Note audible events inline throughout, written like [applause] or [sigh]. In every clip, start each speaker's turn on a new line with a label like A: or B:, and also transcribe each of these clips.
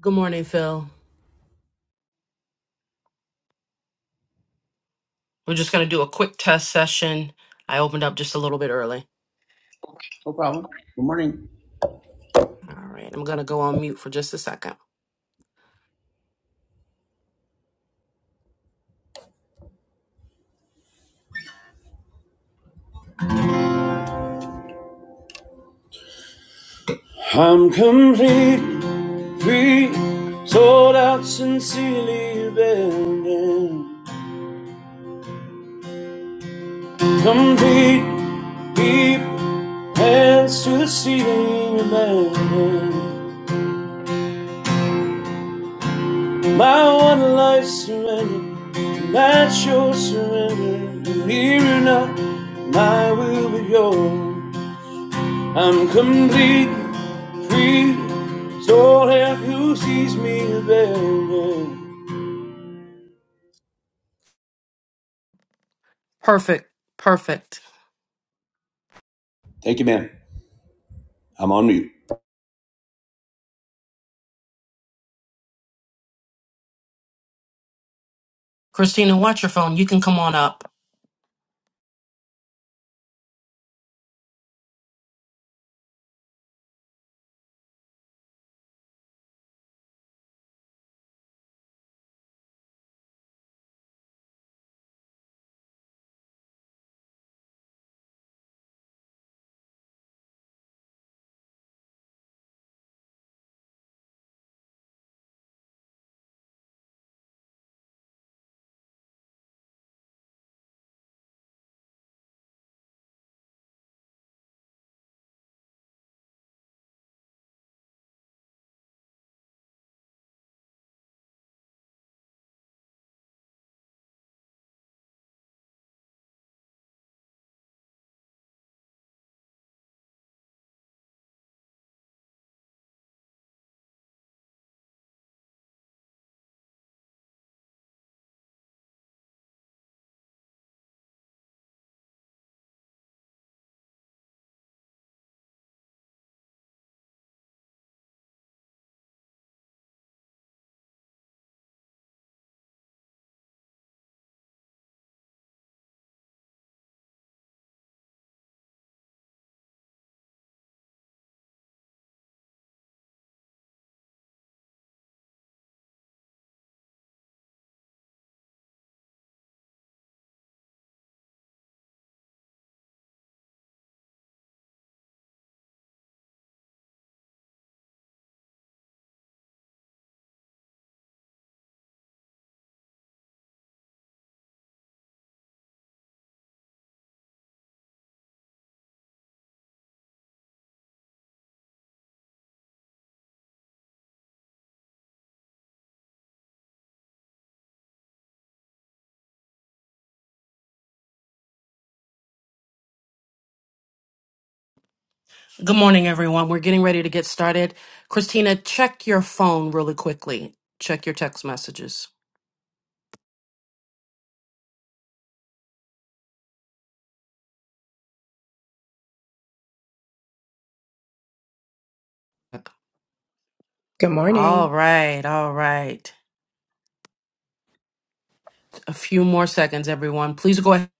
A: Good morning, Phil. We're just going to do a quick test session. I opened up just a little bit early.
B: No problem. Good morning.
A: All right, I'm going to go on mute for just a second.
B: I'm complete, free, sold out, sincerely abandoned. Complete, deep, hands to the ceiling, abandoned. My one life surrendered, that's your surrender. And Here or not, my will be yours. I'm complete, free, sold out, who sees me abandoned.
A: Perfect. Perfect.
B: Thank you, ma'am. I'm on mute.
A: Christina, watch your phone. You can come on up. Good morning, everyone. We're getting ready to get started. Christina, check your phone really quickly. Check your text messages.
C: Good
A: All
C: morning.
A: right. All right. A few more seconds, everyone. Please go ahead.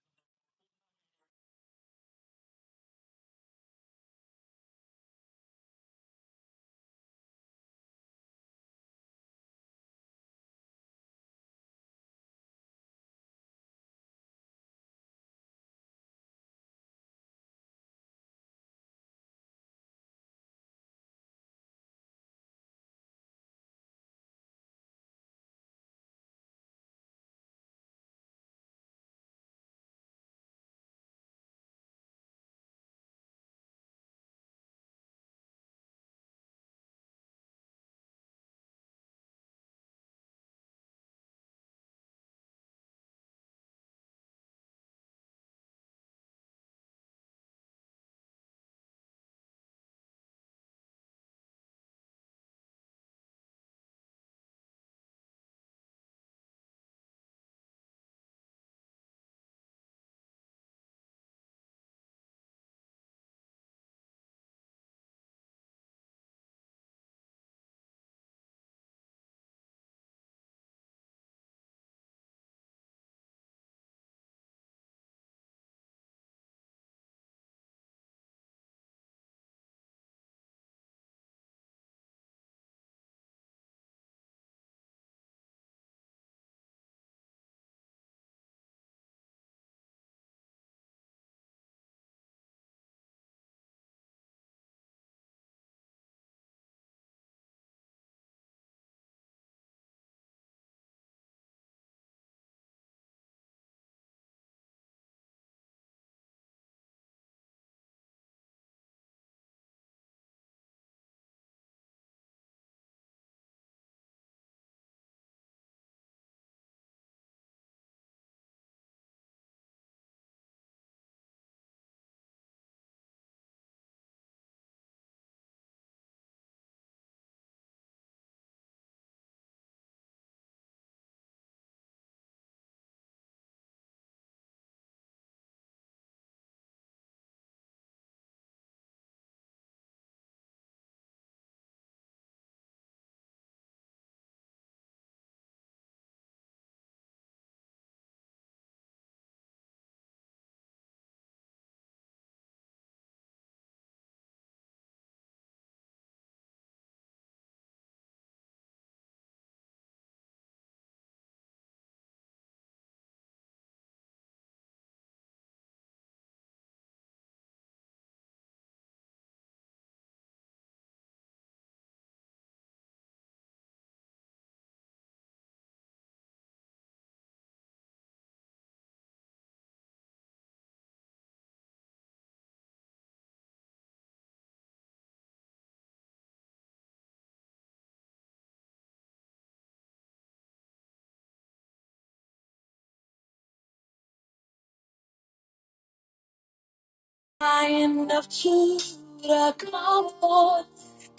A: Lion of Judah, come forth,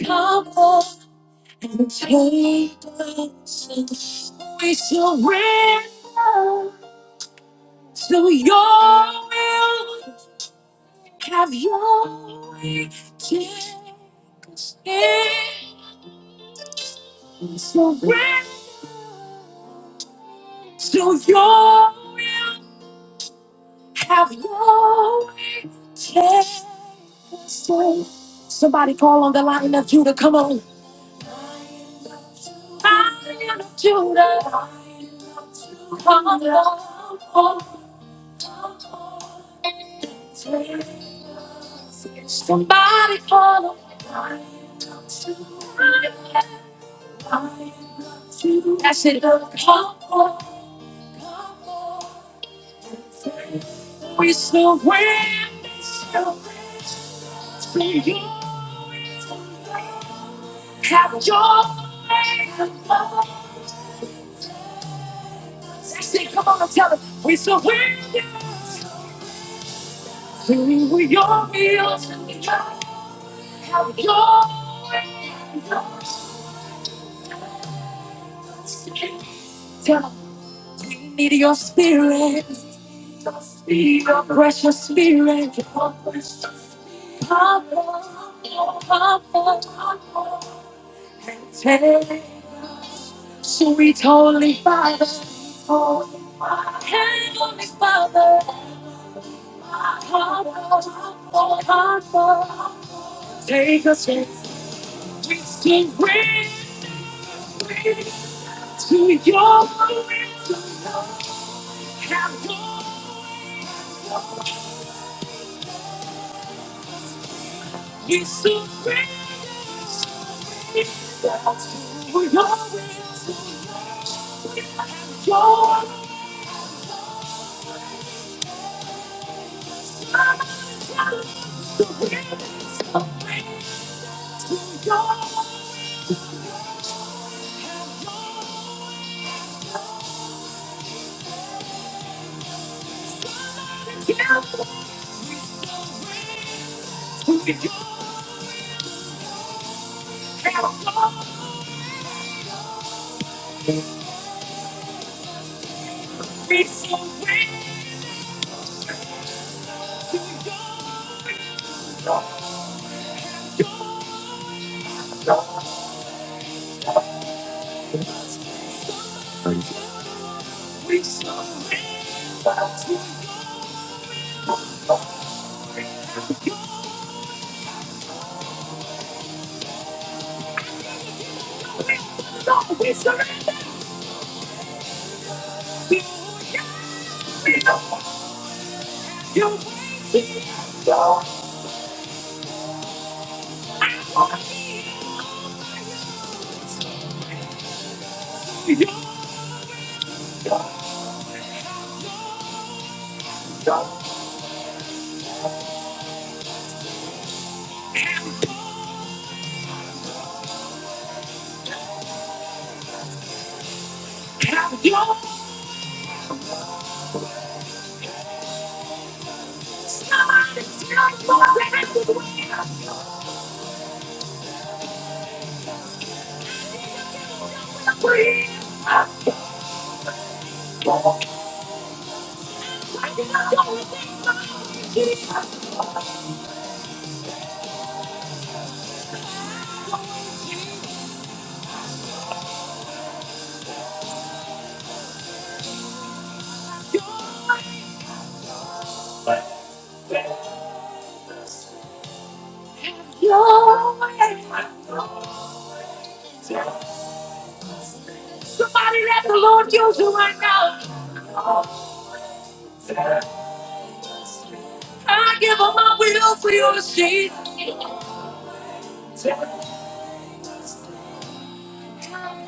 A: come forth. and take us. We surrender to your will. Have your way. Take us in. Surrender to your will. Have your way. Take us in. Somebody call on the line of Judah. Come on. Lion of Judah, come forth. Somebody call him. That's it. Come forth. We surrender to you. Have your way. Sexy, come on, tell them we surrender. We were your meals and we don't have your way. Tell them we need your spirit, your precious spirit. Come papa, papa, papa, and take sweet Holy Father, Holy Father. Heavenly Father. Take us to bring to your wisdom. Have your you surrender to your wisdom. Have your wisdom. To your temple, to your counsel. We surrender. We surrender to you. So we surrender to you. Yes, we know. You're waiting. Lord, you're God. Have your side. Not more than the way of your free. Lord, I know your ways are Jesus. Your ways. Your ways are Lord. Somebody let the Lord use you right now. I give up my will for your sheep.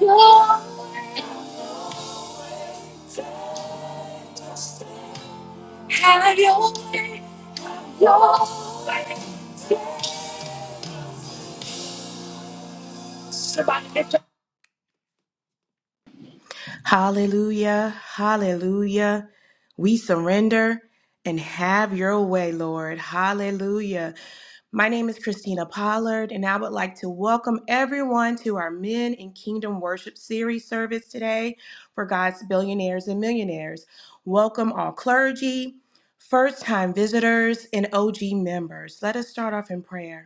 A: Your way.
C: Hallelujah. Hallelujah. We surrender and have your way, Lord. Hallelujah. My name is Christina Pollard, and I would like to welcome everyone to our Men in Kingdom Worship Series service today for God's billionaires and millionaires. Welcome all clergy, first time visitors, and OG members. Let us start off in prayer.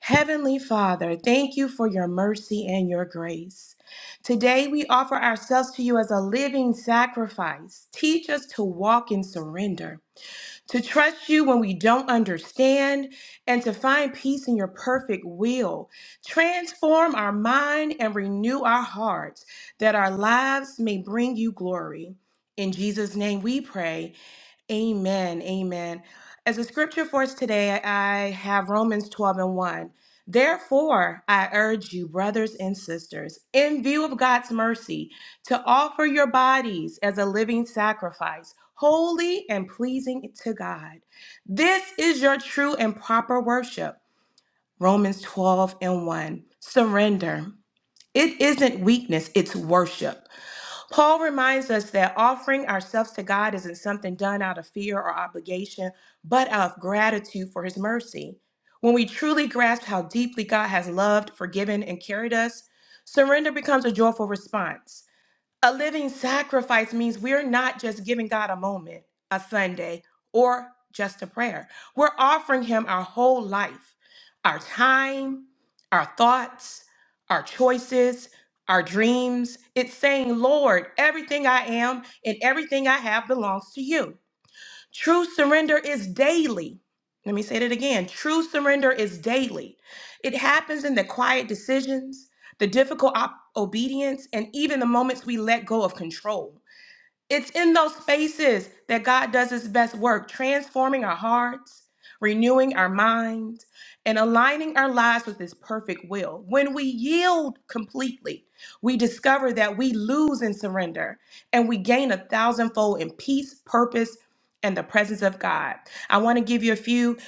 C: Heavenly Father, thank you for your mercy and your grace. Today we offer ourselves to you as a living sacrifice. Teach us to walk in surrender, to trust you when we don't understand, and to find peace in your perfect will. Transform our mind and renew our hearts that our lives may bring you glory. In Jesus' name we pray. Amen. Amen. As a scripture for us today, I have Romans 12 and 1. Therefore, I urge you, brothers and sisters, in view of God's mercy, to offer your bodies as a living sacrifice, holy and pleasing to God. This is your true and proper worship. Romans 12 and 1. Surrender. It isn't weakness, it's worship. Paul reminds us that offering ourselves to God isn't something done out of fear or obligation, but out of gratitude for his mercy. When we truly grasp how deeply God has loved, forgiven, and carried us, surrender becomes a joyful response. A living sacrifice means we're not just giving God a moment, a Sunday, or just a prayer. We're offering Him our whole life, our time, our thoughts, our choices, our dreams. It's saying, Lord, everything I am and everything I have belongs to you. True surrender is daily. Let me say that again. True surrender is daily. It happens in the quiet decisions, the difficult op- obedience, and even the moments we let go of control. It's in those spaces that God does his best work, transforming our hearts, renewing our minds, and aligning our lives with his perfect will. When we yield completely, we discover that we lose in surrender and we gain a thousandfold in peace, purpose, and the presence of God. I want to give you a few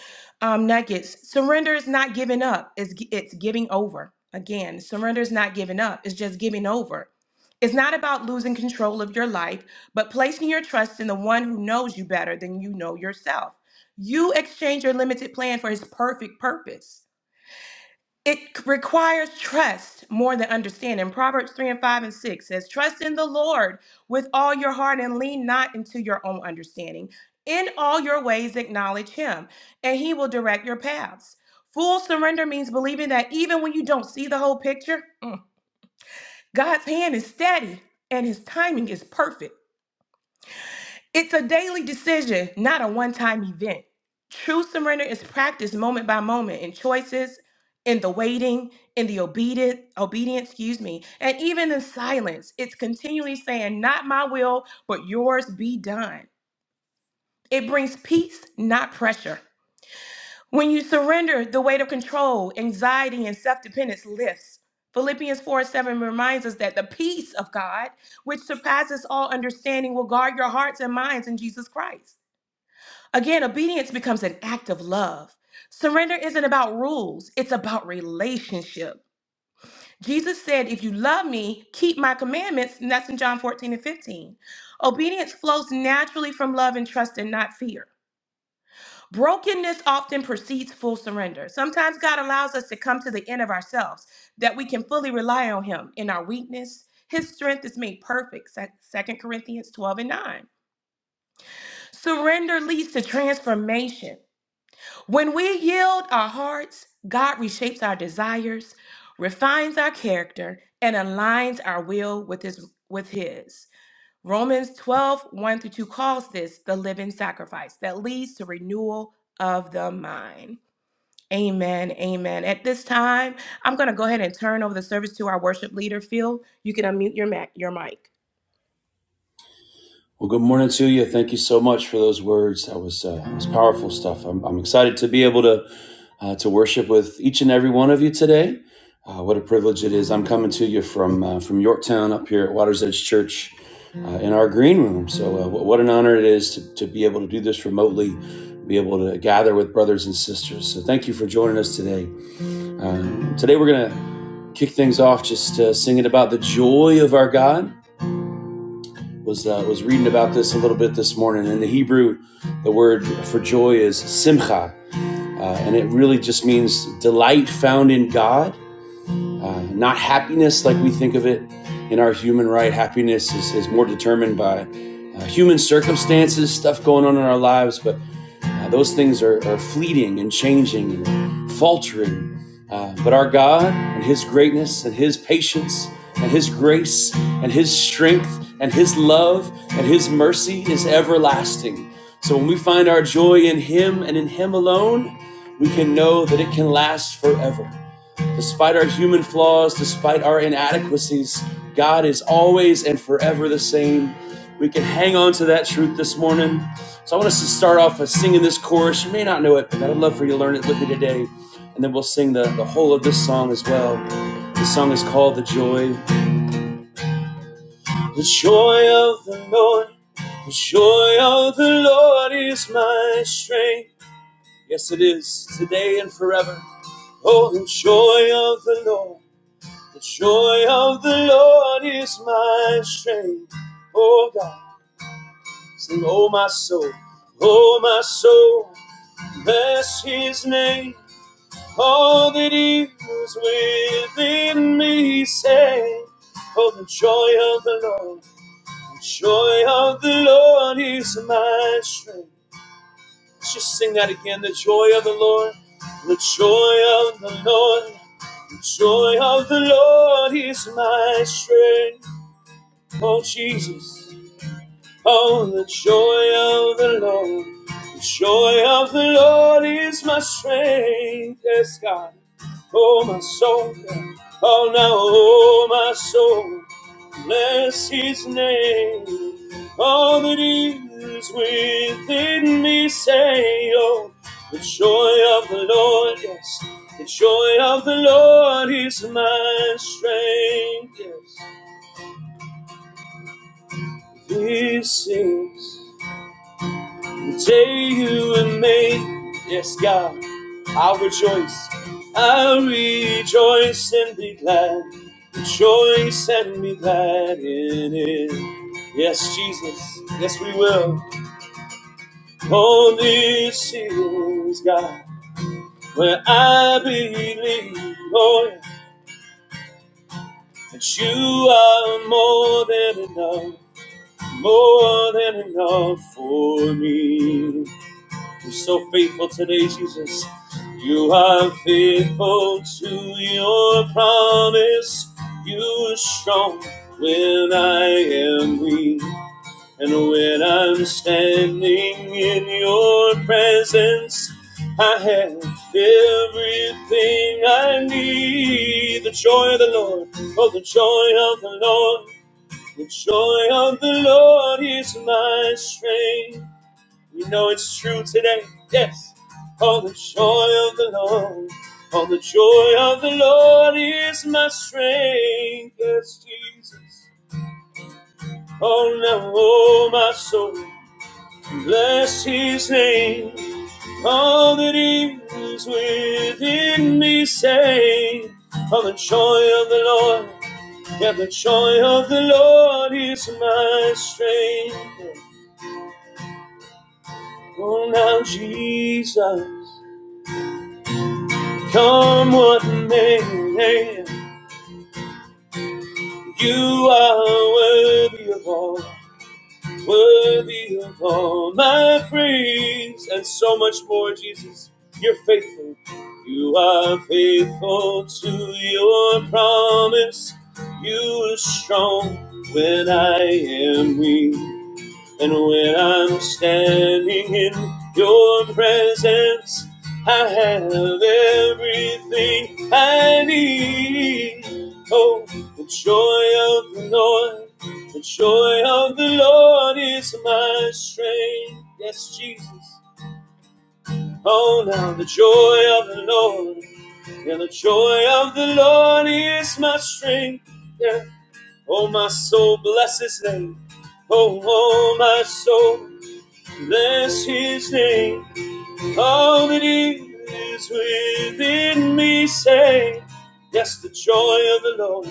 C: um, nuggets. Surrender is not giving up, it's, it's giving over. Again, surrender is not giving up, it's just giving over. It's not about losing control of your life, but placing your trust in the one who knows you better than you know yourself. You exchange your limited plan for his perfect purpose. It requires trust more than understanding. Proverbs 3 and 5 and 6 says, Trust in the Lord with all your heart and lean not into your own understanding. In all your ways, acknowledge him, and he will direct your paths. Full surrender means believing that even when you don't see the whole picture, God's hand is steady and his timing is perfect. It's a daily decision, not a one time event. True surrender is practiced moment by moment in choices, in the waiting, in the obedient, obedience, excuse me, and even in silence. It's continually saying, Not my will, but yours be done. It brings peace, not pressure. When you surrender, the weight of control, anxiety, and self dependence lifts. Philippians 4 7 reminds us that the peace of God, which surpasses all understanding, will guard your hearts and minds in Jesus Christ. Again, obedience becomes an act of love. Surrender isn't about rules, it's about relationship. Jesus said, If you love me, keep my commandments, and that's in John 14 and 15. Obedience flows naturally from love and trust and not fear. Brokenness often precedes full surrender. Sometimes God allows us to come to the end of ourselves that we can fully rely on Him in our weakness. His strength is made perfect, Second Corinthians 12 and 9. Surrender leads to transformation. When we yield our hearts, God reshapes our desires, refines our character, and aligns our will with his with his. Romans twelve one through 2 calls this the living sacrifice that leads to renewal of the mind. Amen. Amen. At this time, I'm going to go ahead and turn over the service to our worship leader, Phil. You can unmute your, ma- your mic.
B: Well, good morning to you. Thank you so much for those words. That was uh, it was powerful stuff. I'm, I'm excited to be able to uh, to worship with each and every one of you today. Uh, what a privilege it is. I'm coming to you from uh, from Yorktown up here at Waters Edge Church uh, in our green room. So uh, what an honor it is to, to be able to do this remotely, be able to gather with brothers and sisters. So thank you for joining us today. Uh, today we're gonna kick things off just uh, singing about the joy of our God was uh, was reading about this a little bit this morning. In the Hebrew, the word for joy is simcha, uh, and it really just means delight found in God, uh, not happiness like we think of it in our human right. Happiness is, is more determined by uh, human circumstances, stuff going on in our lives, but uh, those things are, are fleeting and changing and faltering. Uh, but our God and His greatness and His patience and His grace and His strength and His love and His mercy is everlasting. So when we find our joy in Him and in Him alone, we can know that it can last forever. Despite our human flaws, despite our inadequacies, God is always and forever the same. We can hang on to that truth this morning. So I want us to start off by singing this chorus. You may not know it, but I'd love for you to learn it with me today. And then we'll sing the, the whole of this song as well. The song is called The Joy. The joy of the Lord, the joy of the Lord is my strength. Yes, it is, today and forever. Oh, the joy of the Lord. The joy of the Lord is my strength. Oh God, sing, oh my soul, oh my soul, bless his name. All that he is within me, say, oh the joy of the Lord, the joy of the Lord is my strength. Let's just sing that again, the joy of the Lord, the joy of the Lord, the joy of the Lord is my strength. Oh Jesus, oh the joy of the Lord, the joy of the Lord is my strength. Yes, God. Oh my soul, oh now, oh my soul, bless His name. All that is within me, say, oh, the joy of the Lord, yes, the joy of the Lord is my strength. Yes, this is. The day you were made, yes, God, I rejoice. I rejoice and be glad. Rejoice and be glad in it. Yes, Jesus, yes, we will. Holy is God, where I believe, oh, yeah, that you are more than enough, more than enough for me. You're so faithful today, Jesus. You are faithful to your promise. You are strong when I am weak. And when I'm standing in your presence, I have everything I need. The joy of the Lord, oh, the joy of the Lord, the joy of the Lord is my strength. We know it's true today. Yes. all the joy of the Lord. all the joy of the Lord is my strength. Yes, Jesus. Oh, now, oh, my soul. Bless his name. All that is within me say. all the joy of the Lord. Yeah, the joy of the Lord is my strength. Oh, now, Jesus. Come what may, you are worthy of all, worthy of all my praise, and so much more, Jesus. You're faithful. You are faithful to your promise. You are strong when I am weak. And when I'm standing in your presence, I have everything I need. Oh, the joy of the Lord, the joy of the Lord is my strength. Yes, Jesus. Oh, now the joy of the Lord, yeah, the joy of the Lord is my strength. Yeah. Oh, my soul, bless his name. Oh, oh, my soul. Bless his name, all that is within me say, Yes, the joy of the Lord,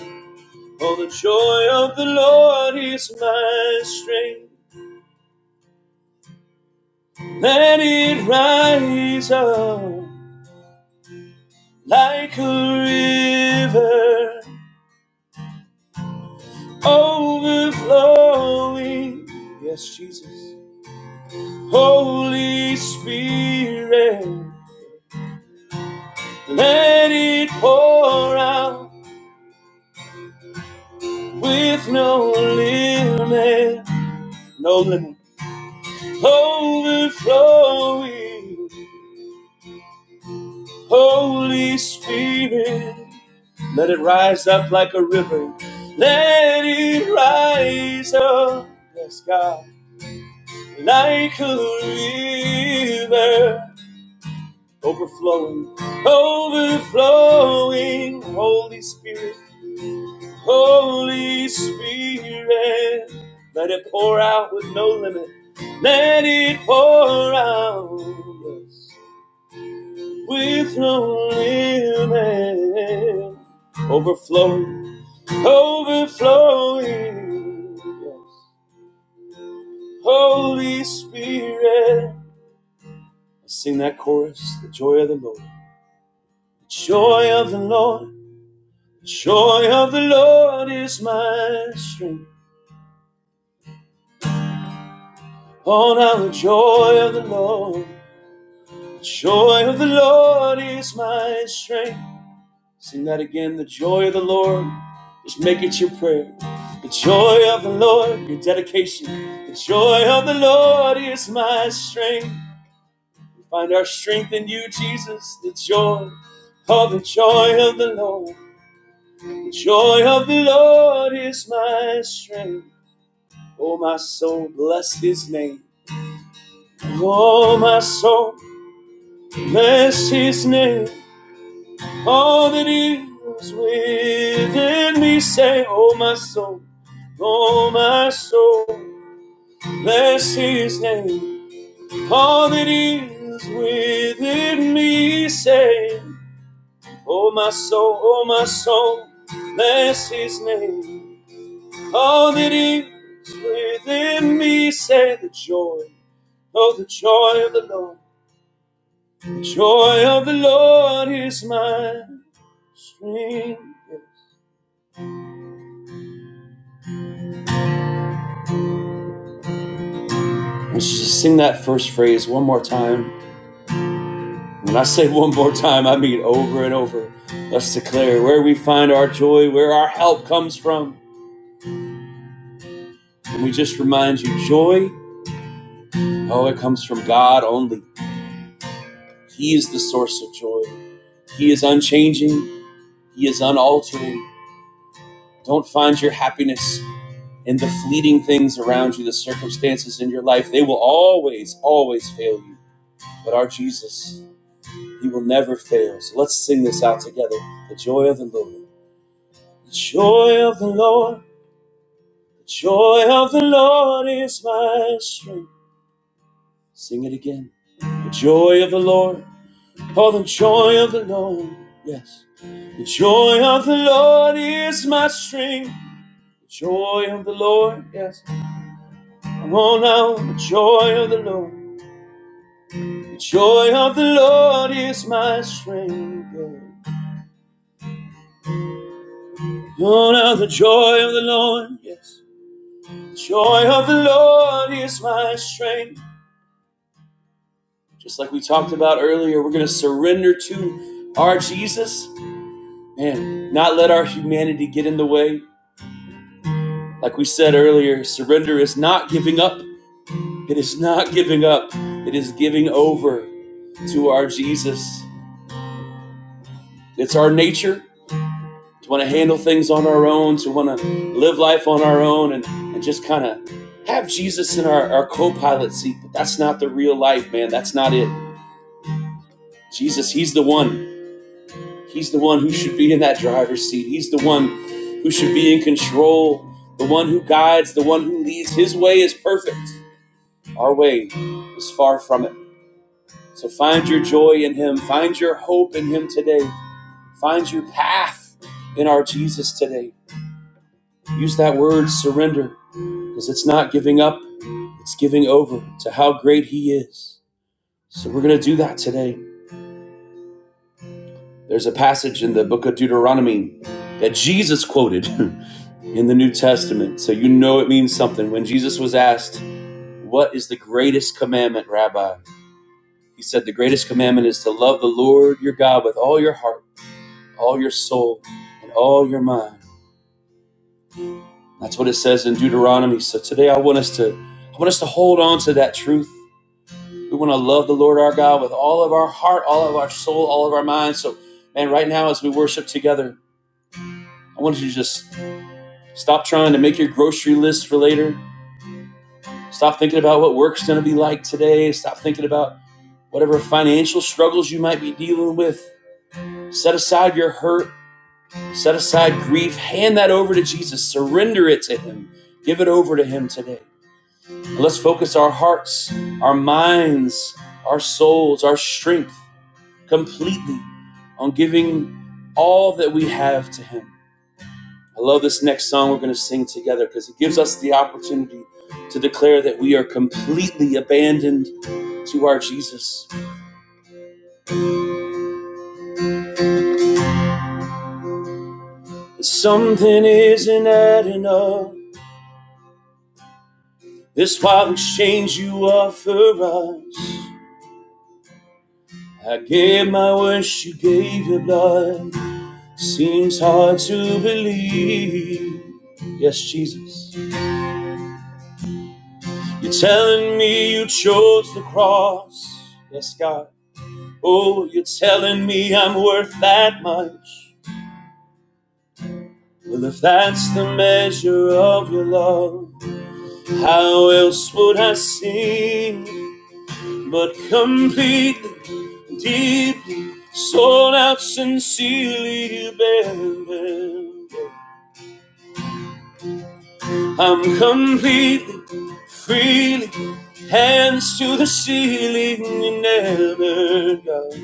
B: oh, the joy of the Lord is my strength. Let it rise up like a river overflowing. Yes, Jesus. Holy Spirit, let it pour out. with no limit, no limit, overflowing. Holy Spirit, let it rise up like a river. Let it rise up, yes, God, like a river, overflowing, overflowing. Holy Spirit. Holy Spirit, let it pour out with no limit. Let it pour out yes, with no limit. Overflowing, overflowing. Yes. Holy Spirit, sing that chorus, the joy of the Lord. The joy of the Lord, the joy of the Lord is my strength. Oh, now the joy of the Lord. The joy of the Lord is my strength. Sing that again. The joy of the Lord. Just make it your prayer. The joy of the Lord, your dedication. The joy of the Lord is my strength. We find our strength in you, Jesus. The joy. Oh, the joy of the Lord. The joy of the Lord is my strength. Oh, my soul, bless his name. Oh, my soul, bless his name. All that is within me say, Oh my soul, oh my soul, bless his name. All that is within me say, Oh my soul, oh my soul, bless his name. All that is within me say, The joy, oh the joy of the Lord, the joy of the Lord is my strength. Let's just sing that first phrase one more time. When I say one more time, I mean over and over. Let's declare where we find our joy, where our help comes from. And we just remind you joy, oh, it comes from God only. He is the source of joy. He is unchanging, He is unaltering. Don't find your happiness in the fleeting things around you, the circumstances in your life. They will always, always fail you. But our Jesus, He will never fail. So let's sing this out together. The joy of the Lord. The joy of the Lord. The joy of the Lord is my strength. Sing it again. The joy of the Lord. Oh, the joy of the Lord. Yes. The joy of the Lord is my strength. The joy of the Lord. Yes. Come on now. The joy of the Lord. The joy of the Lord is my strength. Come on now. The joy of the Lord. Yes. The joy of the Lord is my strength. Just like we talked about earlier, we're going to surrender to our Jesus and not let our humanity get in the way. Like we said earlier, surrender is not giving up. It is not giving up. It is giving over to our Jesus. It's our nature to want to handle things on our own, to want to live life on our own, and, and just kind of have Jesus in our, our co pilot seat. But that's not the real life, man. That's not it. Jesus, He's the one. He's the one who should be in that driver's seat. He's the one who should be in control, the one who guides, the one who leads. His way is perfect. Our way is far from it. So find your joy in Him. Find your hope in Him today. Find your path in our Jesus today. Use that word surrender because it's not giving up, it's giving over to how great He is. So we're going to do that today. There's a passage in the book of Deuteronomy that Jesus quoted [laughs] in the New Testament, so you know it means something. When Jesus was asked, What is the greatest commandment, Rabbi? He said, The greatest commandment is to love the Lord your God with all your heart, all your soul, and all your mind. That's what it says in Deuteronomy. So today I want us to I want us to hold on to that truth. We want to love the Lord our God with all of our heart, all of our soul, all of our mind. So man, right now as we worship together, I want you to just Stop trying to make your grocery list for later. Stop thinking about what work's going to be like today. Stop thinking about whatever financial struggles you might be dealing with. Set aside your hurt, set aside grief, hand that over to Jesus, surrender it to Him, give it over to Him today. And let's focus our hearts, our minds, our souls, our strength completely on giving all that we have to Him. I love this next song we're going to sing together because it gives us the opportunity to declare that we are completely abandoned to our Jesus. Something isn't adding up. This wild exchange you offer us. I gave my wish, you gave your blood. Seems hard to believe. Yes, Jesus. You're telling me you chose the cross. Yes, God. Oh, you're telling me I'm worth that much. Well, if that's the measure of your love, how else would I sing? But completely, deeply, sold out, sincerely dependent. I'm completely, freely, hands to the ceiling, you never got.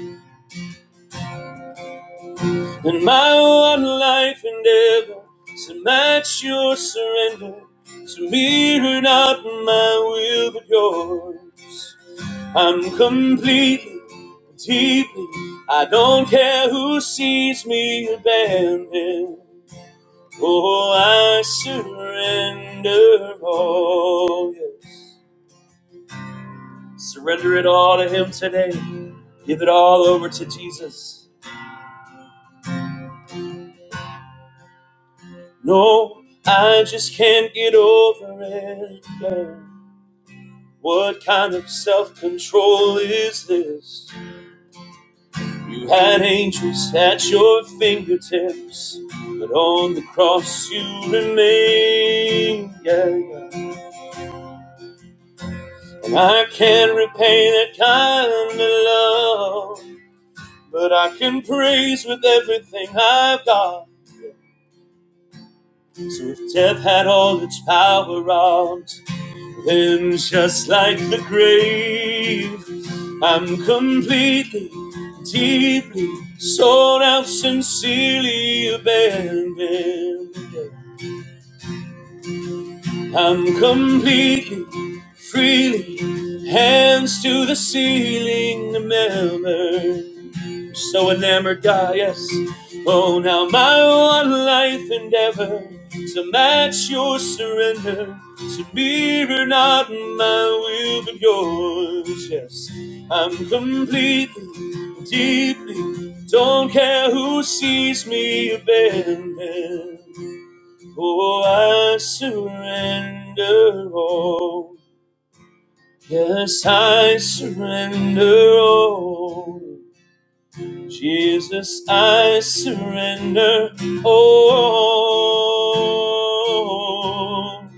B: And my one life endeavor to match your surrender. To mirror not my will but yours. I'm completely, deeply, I don't care who sees me abandoned. Oh, I surrender all, yes. Surrender it all to Him today. Give it all over to Jesus. No, I just can't get over it. yeah. What kind of self control is this? You had angels at your fingertips, but on the cross you remain. Yeah, yeah. And I can't repay that kind of love, but I can praise with everything I've got. So if death had all its power out. And just like the grave, I'm completely, deeply, sold out, sincerely abandoned. I'm completely, freely, hands to the ceiling, the a so enamored, God, yes. Oh, now my one life endeavor to match your surrender, to mirror not my will but yours, yes. I'm completely, deeply, don't care who sees me abandoned. Oh, I surrender all. Yes, I surrender all. Jesus, I surrender. Oh,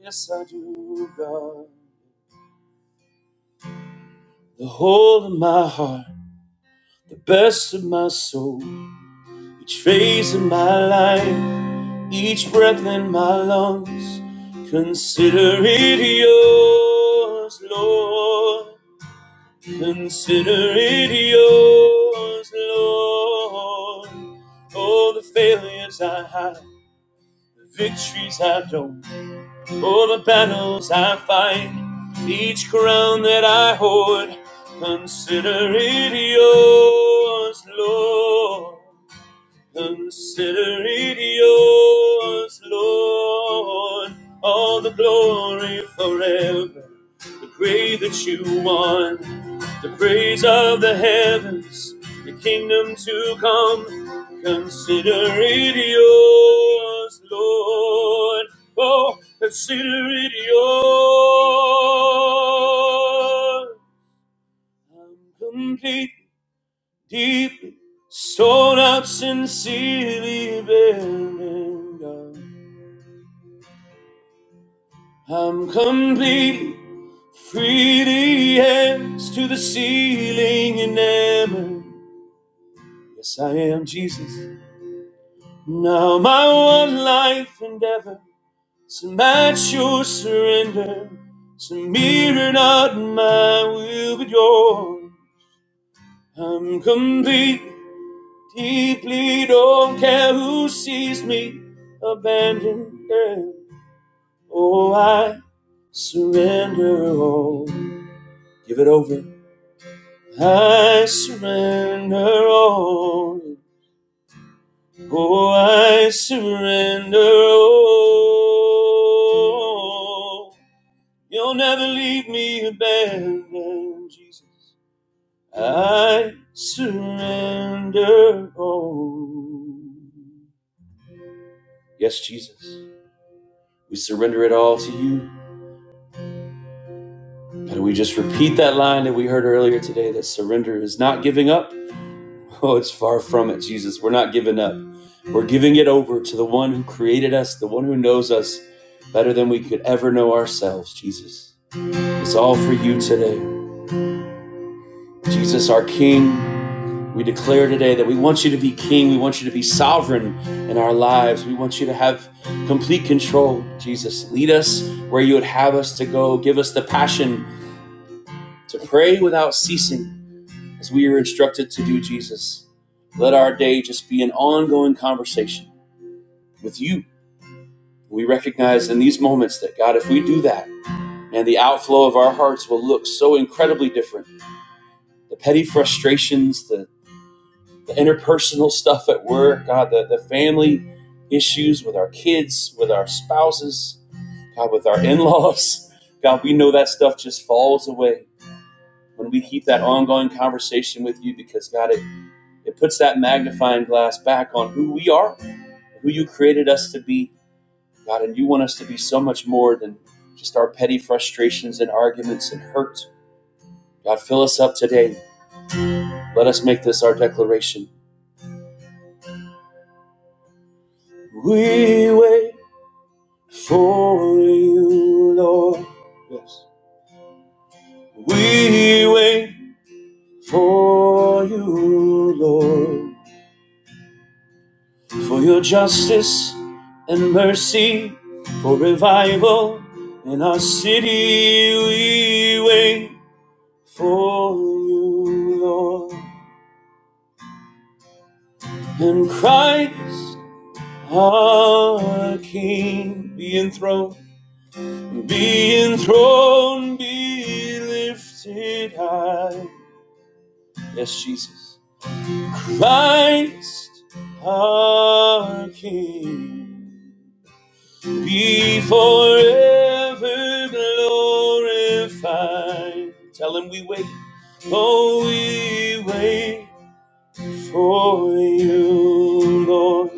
B: yes, I do, God. The whole of my heart, the best of my soul, each phase of my life, each breath in my lungs. Consider it yours, Lord. Consider it yours, Lord. Oh, the failures I have. The victories I've known, all the battles I fight, each crown that I hoard, consider it yours, Lord. Consider it yours, Lord, all the glory forever. The praise that you won, the praise of the heavens, the kingdom to come. Consider it yours, Lord. Oh, consider it yours. I'm complete deeply sold out, sincerely bending down. I'm completely free to hands to the ceiling enamored. Yes, I am Jesus. Now my one life endeavor to match your surrender. To mirror not my will but yours. I'm complete Deeply don't care who sees me abandoned. There. Oh, I surrender all. Give it over. I surrender all. Oh, I surrender all. You'll never leave me abandoned, Jesus. I surrender all. Yes, Jesus. We surrender it all to you. And we just repeat that line that we heard earlier today that surrender is not giving up. [laughs] Oh, it's far from it, Jesus. We're not giving up. We're giving it over to the one who created us, the one who knows us better than we could ever know ourselves, Jesus. It's all for you today. Jesus, our King, we declare today that we want you to be King. We want you to be sovereign in our lives. We want you to have complete control, Jesus. Lead us where you would have us to go. Give us the passion to pray without ceasing as we are instructed to do, Jesus. Let our day just be an ongoing conversation with you. We recognize in these moments that, God, if we do that, man, the outflow of our hearts will look so incredibly different. The petty frustrations, the, the interpersonal stuff at work, God, the, the family issues with our kids, with our spouses, God, with our [laughs] in laws. God, we know that stuff just falls away when we keep that ongoing conversation with you because, God, it, It puts that magnifying glass back on who we are, who you created us to be, God. And you want us to be so much more than just our petty frustrations and arguments and hurt. God, fill us up today. Let us make this our declaration. We wait for you, Lord. Yes. We wait for you, Lord. for your justice and mercy, for revival in our city. We wait for you, Lord. And Christ, our King, be enthroned, be enthroned, be lifted high. Yes, Jesus. Christ, our King. be forever glorified. Tell him we wait, oh, we wait for you, Lord.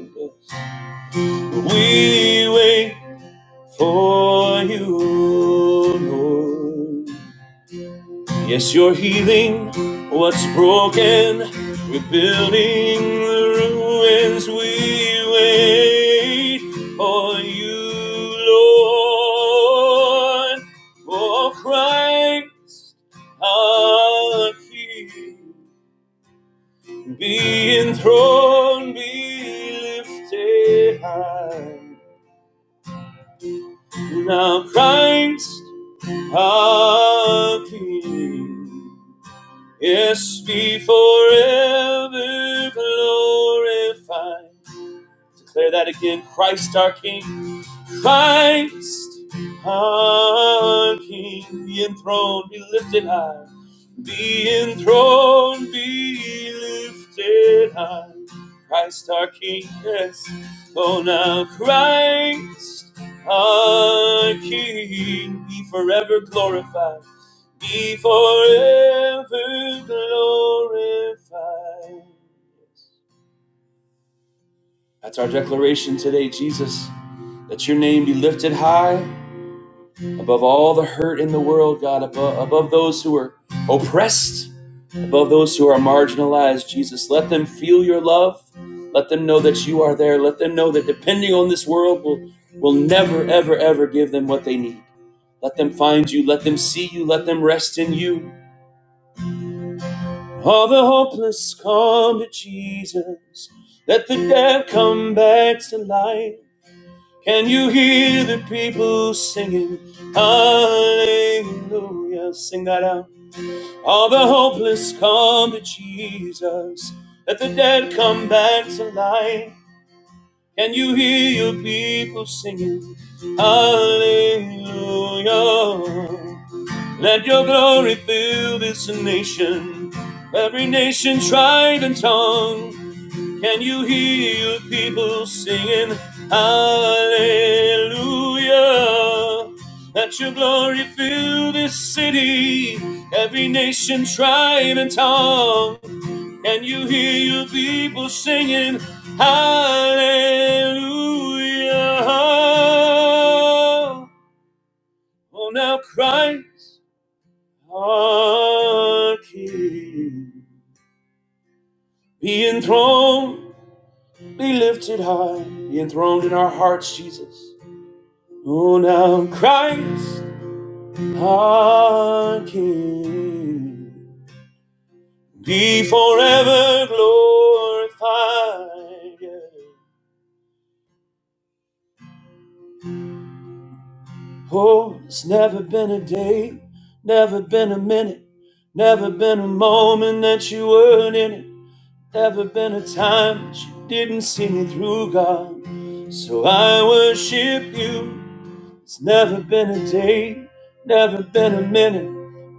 B: We wait for you, Lord. Yes, you're healing what's broken, rebuilding the ruins. We wait for you, Lord. For Christ our King, be enthroned, be lifted high. Now Christ our King. Yes, be forever glorified. Declare that again, Christ our King. Christ, our King, be enthroned, be lifted high. Be enthroned, be lifted high. Christ, our King, yes. Oh, now Christ, our King, be forever glorified. Be forever glorified. That's our declaration today, Jesus. That your name be lifted high above all the hurt in the world, God, above, above those who are oppressed, above those who are marginalized, Jesus. Let them feel your love. Let them know that you are there. Let them know that depending on this world will, will never, ever, ever give them what they need. Let them find you. Let them see you. Let them rest in you. All the hopeless come to Jesus. Let the dead come back to life. Can you hear the people singing hallelujah? Sing that out. All the hopeless come to Jesus. Let the dead come back to life. Can you hear your people singing hallelujah? Let your glory fill this nation, every nation, tribe, and tongue. Can you hear people singing hallelujah? Let your glory fill this city, every nation, tribe, and tongue. Can you hear your people singing hallelujah? Oh, now Christ our King, be enthroned Be lifted high, be enthroned in our hearts, Jesus. Oh, now Christ, our King, be forever glorified. yeah. Oh, it's never been a day, never been a minute, never been a moment that you weren't in it, never been a time that you didn't see me through, God. So I worship you. It's never been a day, never been a minute,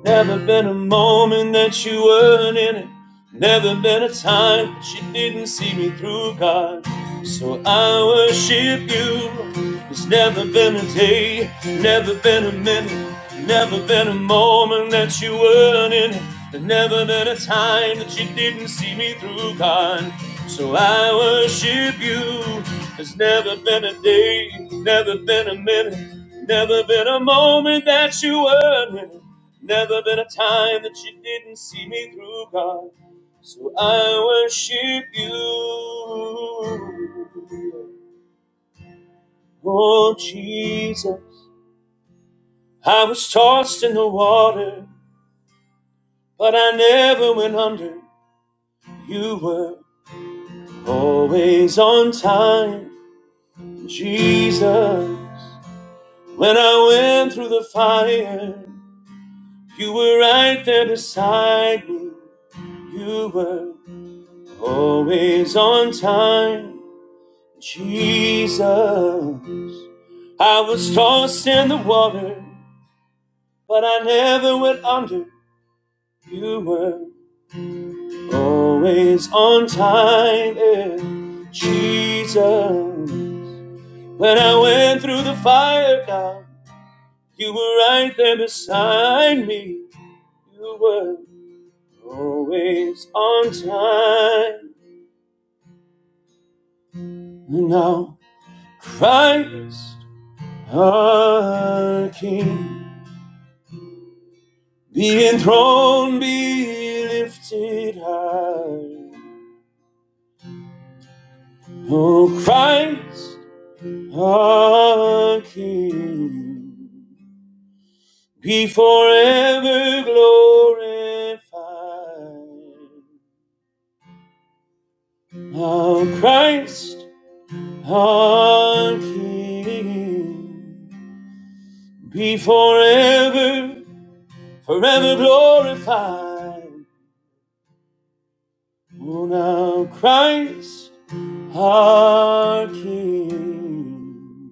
B: never been a moment that you weren't in it. Never been a time that you didn't see me through, God. So I worship you. It's never been a day, never been a minute. Never been a moment that you weren't in it. There never been a time that you didn't see me through, God. So I worship you. There's never been a day, never been a minute, never been a moment that you weren't in it. Never been a time that you didn't see me through, God. So I worship you. Oh, Jesus. I was tossed in the water. But I never went under. You were always on time, Jesus. When I went through the fire, you were right there beside me. You were always on time, Jesus. I was tossed in the water, but I never went under. You were always on time, yeah, Jesus. When I went through the fire, God, you were right there beside me. You were always on time. And now, Christ, our King, be enthroned, be lifted high. Oh, Christ, our King, be forever glorified. Our Christ, our King, be forever, forever glorified. Oh, now Christ, our King,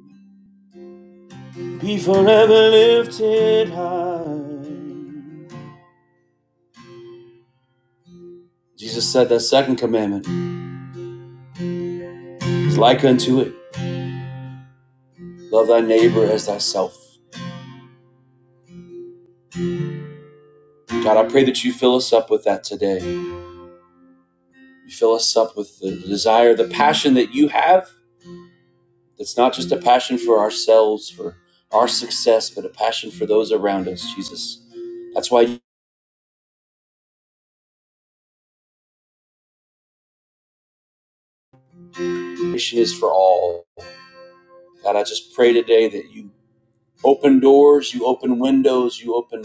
B: be forever lifted high. Jesus said that second commandment is like unto it love thy neighbor as thyself. God, I pray that you fill us up with that today. You fill us up with the desire, the passion that you have. That's not just a passion for ourselves, for our success, but a passion for those around us, Jesus. That's why your mission is for all. God, I just pray today that you open doors, you open windows, you open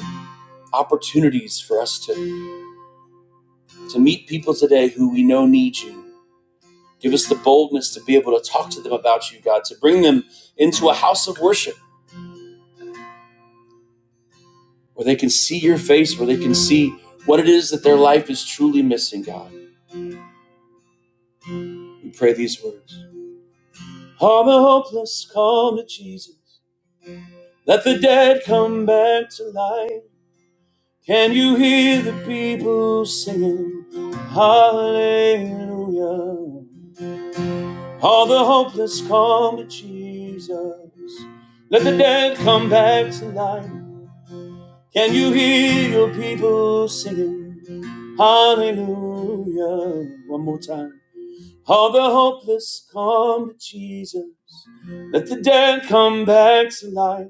B: opportunities for us to, to meet people today who we know need you. Give us the boldness to be able to talk to them about you, God, to bring them into a house of worship where they can see your face, where they can see what it is that their life is truly missing, God. We pray these words. All the hopeless come to Jesus. Let the dead come back to life. Can you hear the people singing? Hallelujah. All the hopeless come to Jesus. Let the dead come back to life. Can you hear your people singing? Hallelujah. One more time. All the hopeless come to Jesus. Let the dead come back to life.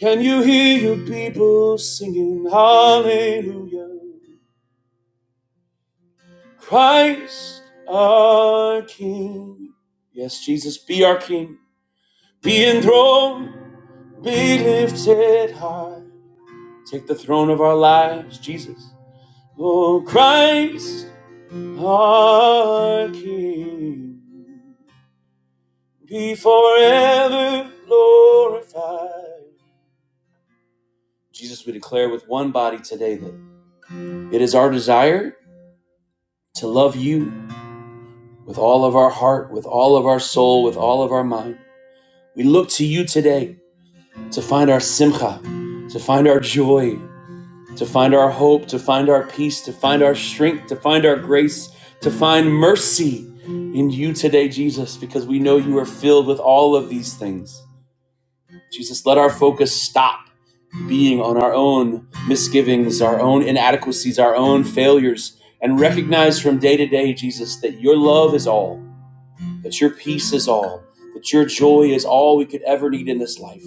B: Can you hear your people singing? Hallelujah. Christ our King. Yes, Jesus, be our King. Be enthroned, be lifted high. Take the throne of our lives, Jesus. O Christ, our King, be forever glorified. Jesus, we declare with one body today that it is our desire to love you with all of our heart, with all of our soul, with all of our mind. We look to you today to find our simcha, to find our joy, to find our hope, to find our peace, to find our strength, to find our grace, to find mercy in you today, Jesus, because we know you are filled with all of these things. Jesus, let our focus stop being on our own misgivings, our own inadequacies, our own failures, and recognize from day to day, Jesus, that your love is all, that your peace is all, that your joy is all we could ever need in this life.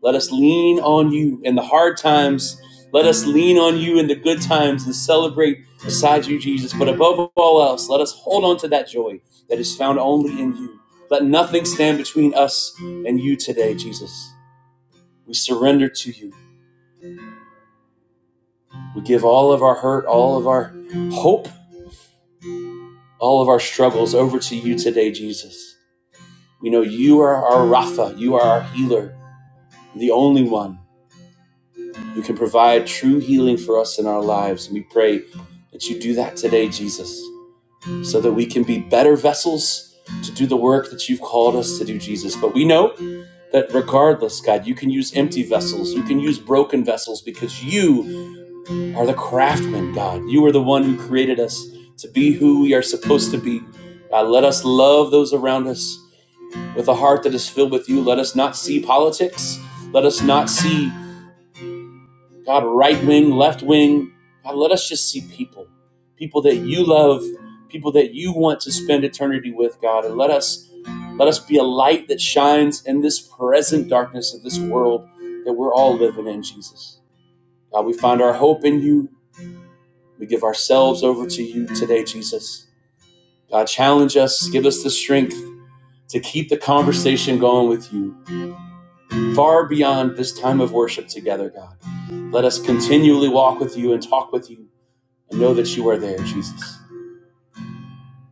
B: Let us lean on you in the hard times. Let us lean on you in the good times and celebrate beside you, Jesus. But above all else, let us hold on to that joy that is found only in you. Let nothing stand between us and you today, Jesus. We surrender to you. We give all of our hurt, all of our hope, all of our struggles over to you today, Jesus. We know you are our Rapha, you are our healer, the only one. You can provide true healing for us in our lives. And we pray that you do that today, Jesus, so that we can be better vessels to do the work that you've called us to do, Jesus. But we know that regardless, God, you can use empty vessels, you can use broken vessels because you are the craftsman, God. You are the one who created us to be who we are supposed to be. God, let us love those around us with a heart that is filled with you. Let us not see politics. Let us not see God, right wing, left wing. God, let us just see people, people that you love, people that you want to spend eternity with, God, and let us let us be a light that shines in this present darkness of this world that we're all living in, Jesus. God, we find our hope in you. We give ourselves over to you today, Jesus. God, challenge us, give us the strength to keep the conversation going with you far beyond this time of worship together, God. Let us continually walk with you and talk with you and know that you are there, Jesus.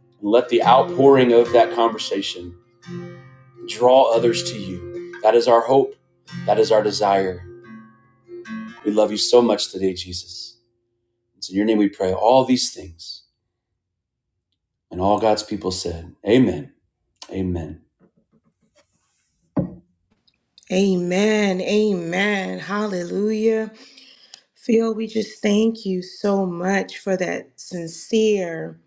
B: And let the outpouring of that conversation draw others to you. That is our hope. That is our desire. We love you so much today, Jesus. It's in your name we pray all these things. And all God's people said, Amen. Amen.
C: Amen. Amen. Hallelujah. Phil, we just thank you so much for that sincere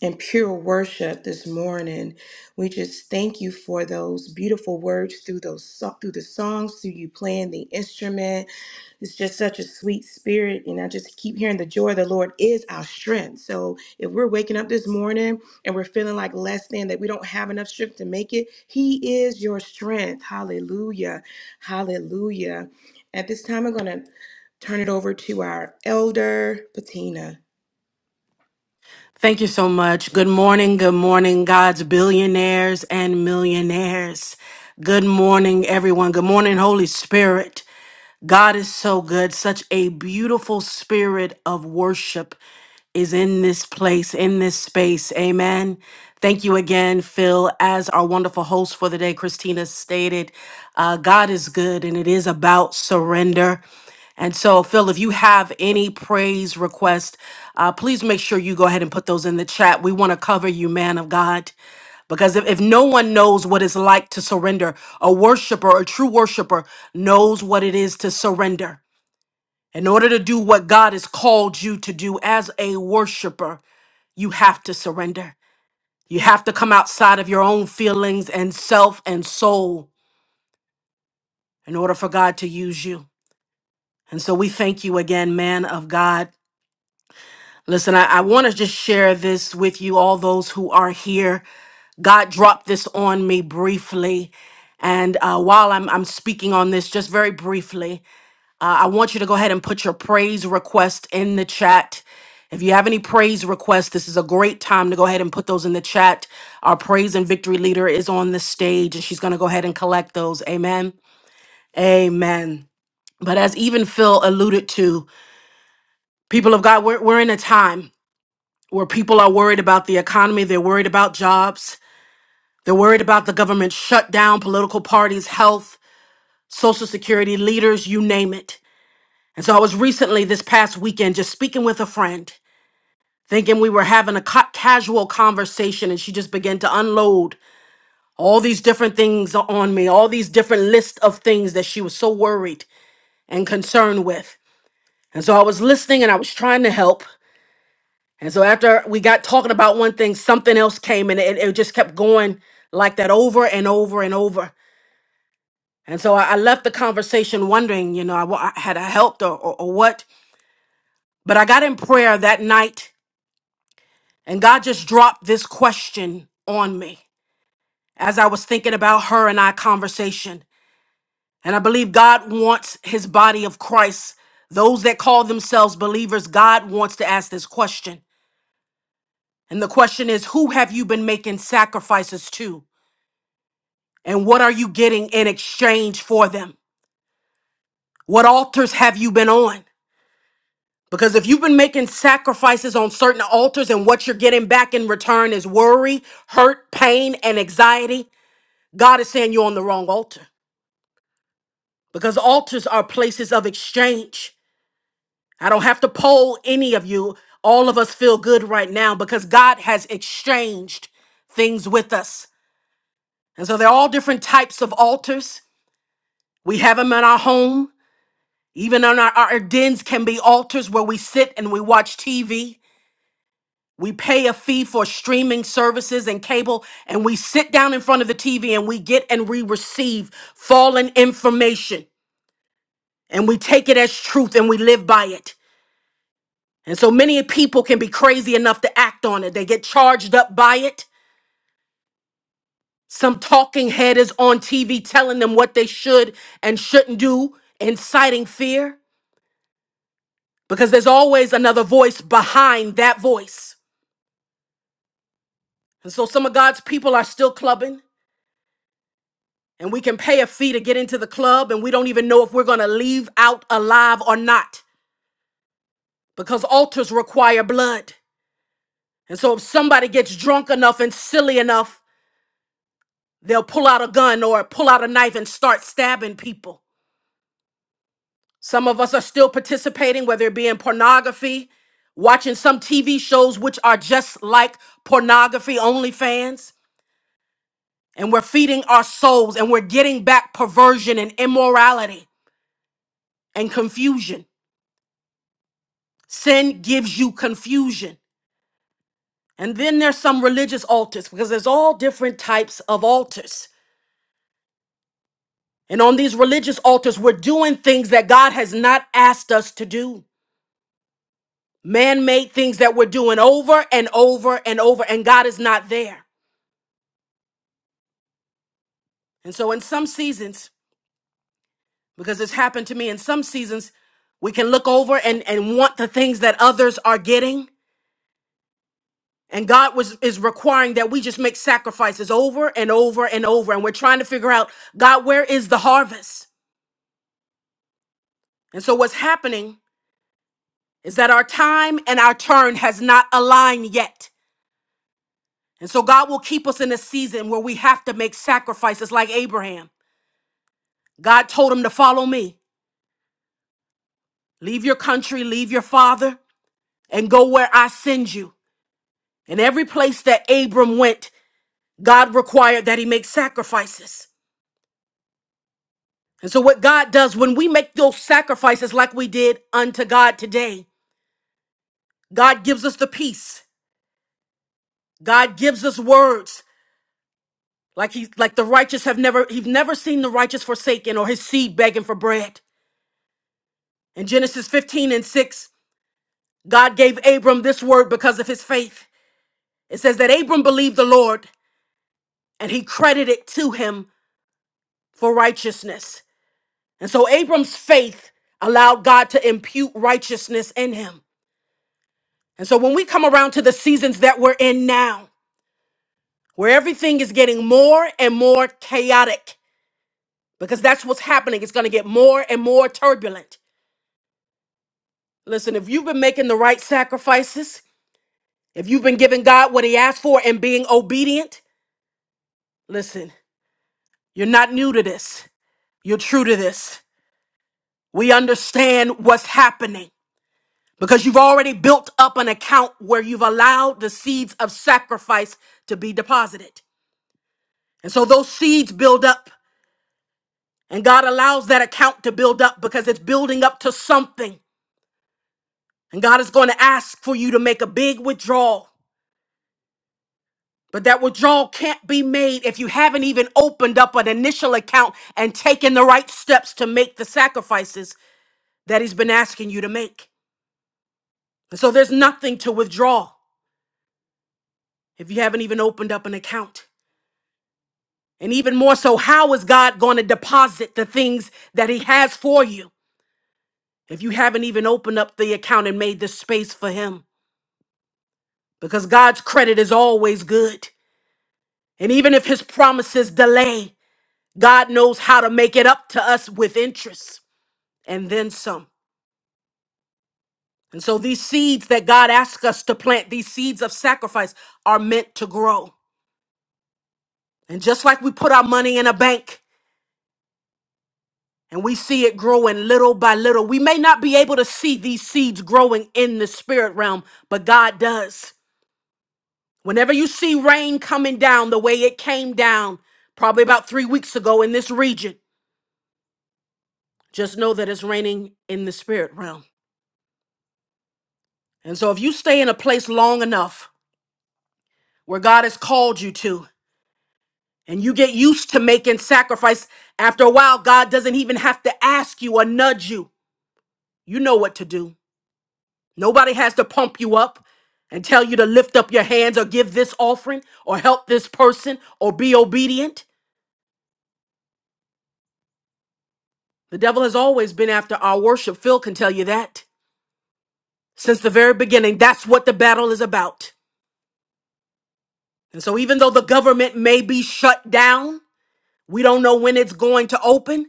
C: and pure worship this morning. We just thank you for those beautiful words through those so- through the songs, through you playing the instrument. It's just such a sweet spirit, and I just keep hearing the joy of the Lord is our strength. So if we're waking up this morning and we're feeling like less than that, we don't have enough strength to make it, He is your strength. Hallelujah, Hallelujah. At this time, I'm gonna turn it over to our elder Patina.
A: Thank you so much. Good morning. Good morning, God's billionaires and millionaires. Good morning, everyone. Good morning, Holy Spirit. God is so good. Such a beautiful spirit of worship is in this place, in this space. Amen. Thank you again, Phil, as our wonderful host for the day, Christina stated. uh, God is good and it is about surrender. And so, Phil, if you have any praise request, uh, please make sure you go ahead and put those in the chat. We want to cover you, man of God. Because if, if no one knows what it's like to surrender, a worshiper, a true worshiper, knows what it is to surrender. In order to do what God has called you to do as a worshiper, you have to surrender. You have to come outside of your own feelings and self and soul in order for God to use you. And so we thank you again, man of God. Listen, I, I want to just share this with you, all those who are here. God dropped this on me briefly. And uh, while I'm, I'm speaking on this, just very briefly, uh, I want you to go ahead and put your praise request in the chat. If you have any praise requests, this is a great time to go ahead and put those in the chat. Our praise and victory leader is on the stage and she's going to go ahead and collect those. Amen. Amen. But as even Phil alluded to, people of God, we're, we're in a time where people are worried about the economy, they're worried about jobs, They're worried about the government shutdown, political parties, health, social security, leaders, you name it. And so I was recently, this past weekend, just speaking with a friend, thinking we were having a ca- casual conversation, and she just began to unload all these different things on me, all these different lists of things that she was so worried and concerned with. And so I was listening and I was trying to help. And so after we got talking about one thing, something else came and it, it just kept going like that over and over and over. And so I, I left the conversation wondering, you know, I, wa- I- had I helped or, or, or what. But I got in prayer that night, and God just dropped this question on me as I was thinking about her and I conversation. And I believe God wants his body of Christ, those that call themselves believers, God wants to ask this question. And the question is, who have you been making sacrifices to? And what are you getting in exchange for them? What altars have you been on? Because if you've been making sacrifices on certain altars and what you're getting back in return is worry, hurt, pain, and anxiety, God is saying you're on the wrong altar. Because altars are places of exchange. I don't have to poll any of you. All of us feel good right now because God has exchanged things with us. And so they're all different types of altars. We have them in our home. Even in our, our dens can be altars where we sit and we watch TV. We pay a fee for streaming services and cable, and we sit down in front of the TV and we get and we receive fallen information and we take it as truth and we live by it. And so many people can be crazy enough to act on it. They get charged up by it. Some talking head is on TV telling them what they should and shouldn't do, inciting fear, because there's always another voice behind that voice. And so some of God's people are still clubbing. and we can pay a fee to get into the club and we don't even know if we're going to leave out alive or not because altars require blood. And so if somebody gets drunk enough and silly enough, they'll pull out a gun or pull out a knife and start stabbing people. Some of us are still participating, whether it be in pornography, watching some TV shows which are just like pornography OnlyFans, and we're feeding our souls and we're getting back perversion and immorality and confusion. Sin gives you confusion. And then there's some religious altars because there's all different types of altars. And on these religious altars, we're doing things that God has not asked us to do. Man made things that we're doing over and over and over, and God is not there. And so, in some seasons, because it's happened to me, in some seasons, we can look over and, and want the things that others are getting. And God was is requiring that we just make sacrifices over and over and over. And we're trying to figure out, God, where is the harvest? And so what's happening is that our time and our turn has not aligned yet. And so God will keep us in a season where we have to make sacrifices like Abraham. God told him to follow me. Leave your country, leave your father, and go where I send you. And every place that Abram went, God required that he make sacrifices. And so, what God does when we make those sacrifices like we did unto God today, God gives us the peace. God gives us words like he, like the righteous have never, he've never seen the righteous forsaken or his seed begging for bread. In Genesis 15 and 6, God gave Abram this word because of his faith. It says that Abram believed the Lord and he credited to him for righteousness. And so Abram's faith allowed God to impute righteousness in him. And so when we come around to the seasons that we're in now, where everything is getting more and more chaotic, because that's what's happening, it's going to get more and more turbulent. Listen, if you've been making the right sacrifices, if you've been giving God what He asked for and being obedient, listen, you're not new to this. You're true to this. We understand what's happening because you've already built up an account where you've allowed the seeds of sacrifice to be deposited. And so those seeds build up. And God allows that account to build up because it's building up to something. And God is going to ask for you to make a big withdrawal. But that withdrawal can't be made if you haven't even opened up an initial account and taken the right steps to make the sacrifices that He's been asking you to make. And so there's nothing to withdraw if you haven't even opened up an account. And even more so, how is God going to deposit the things that He has for you if you haven't even opened up the account and made the space for Him? because God's credit is always good. And even if his promises delay, God knows how to make it up to us with interest and then some. And so these seeds that God asks us to plant, these seeds of sacrifice, are meant to grow. And just like we put our money in a bank and we see it growing little by little, we may not be able to see these seeds growing in the spirit realm, but God does. Whenever you see rain coming down the way it came down, probably about three weeks ago in this region, Just know that it's raining in the spirit realm. And so if you stay in a place long enough where God has called you to, and you get used to making sacrifice, after a while, God doesn't even have to ask you or nudge you. You know what to do. Nobody has to pump you up and tell you to lift up your hands or give this offering or help this person or be obedient. The devil has always been after our worship. Phil can tell you that. Since the very beginning, that's what the battle is about. And so, even though the government may be shut down, We don't know when it's going to open.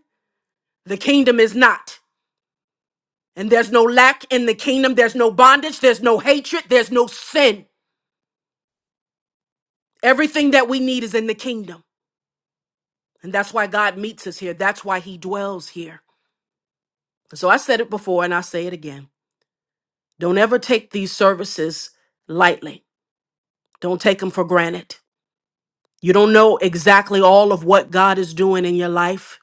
A: The kingdom is not. And there's no lack in the kingdom. There's no bondage. There's no hatred. There's no sin. Everything that we need is in the kingdom. And that's why God meets us here. That's why he dwells here. So I said it before and I say it again. Don't ever take these services lightly, don't take them for granted. You don't know exactly all of what God is doing in your life.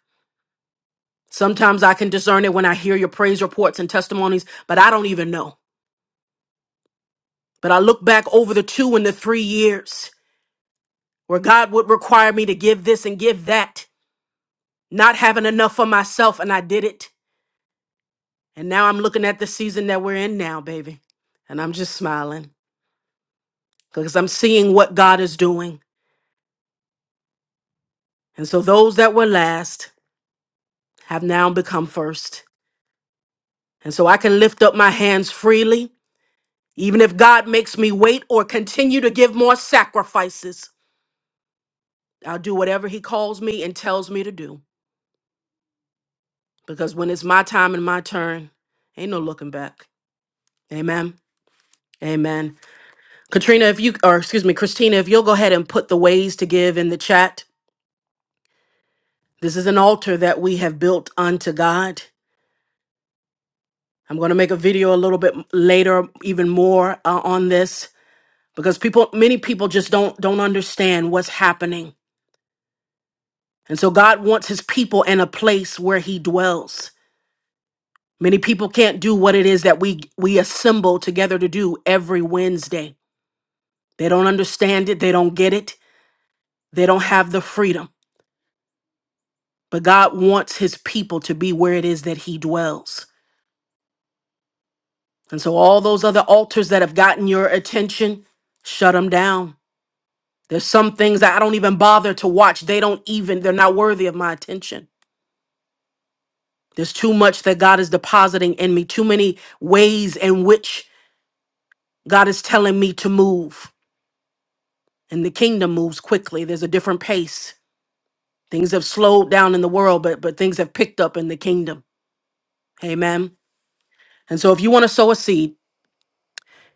A: Sometimes I can discern it when I hear your praise reports and testimonies, but I don't even know. But I look back over the two and the three years where God would require me to give this and give that, not having enough for myself, and I did it. And now I'm looking at the season that we're in now, baby. And I'm just smiling because I'm seeing what God is doing. And so those that were last have now become first. And so I can lift up my hands freely. Even if God makes me wait or continue to give more sacrifices, I'll do whatever He calls me and tells me to do. because when it's my time and my turn, ain't no looking back. Amen. Amen. Katrina, if you, or excuse me, Christina, if you'll go ahead and put the ways to give in the chat. This is an altar that we have built unto God. I'm going to make a video a little bit later, even more uh, on this, because people, many people just don't don't understand what's happening. And so God wants His people in a place where He dwells. Many people can't do what it is that we we assemble together to do every Wednesday. They don't understand it. They don't get it. They don't have the freedom. But God wants his people to be where it is that he dwells. And so, all those other altars that have gotten your attention, shut them down. There's some things that I don't even bother to watch. They don't even, they're not worthy of my attention. There's too much that God is depositing in me, too many ways in which God is telling me to move. And the kingdom moves quickly, there's a different pace. Things have slowed down in the world, but, but things have picked up in the kingdom. Amen. And so if you want to sow a seed,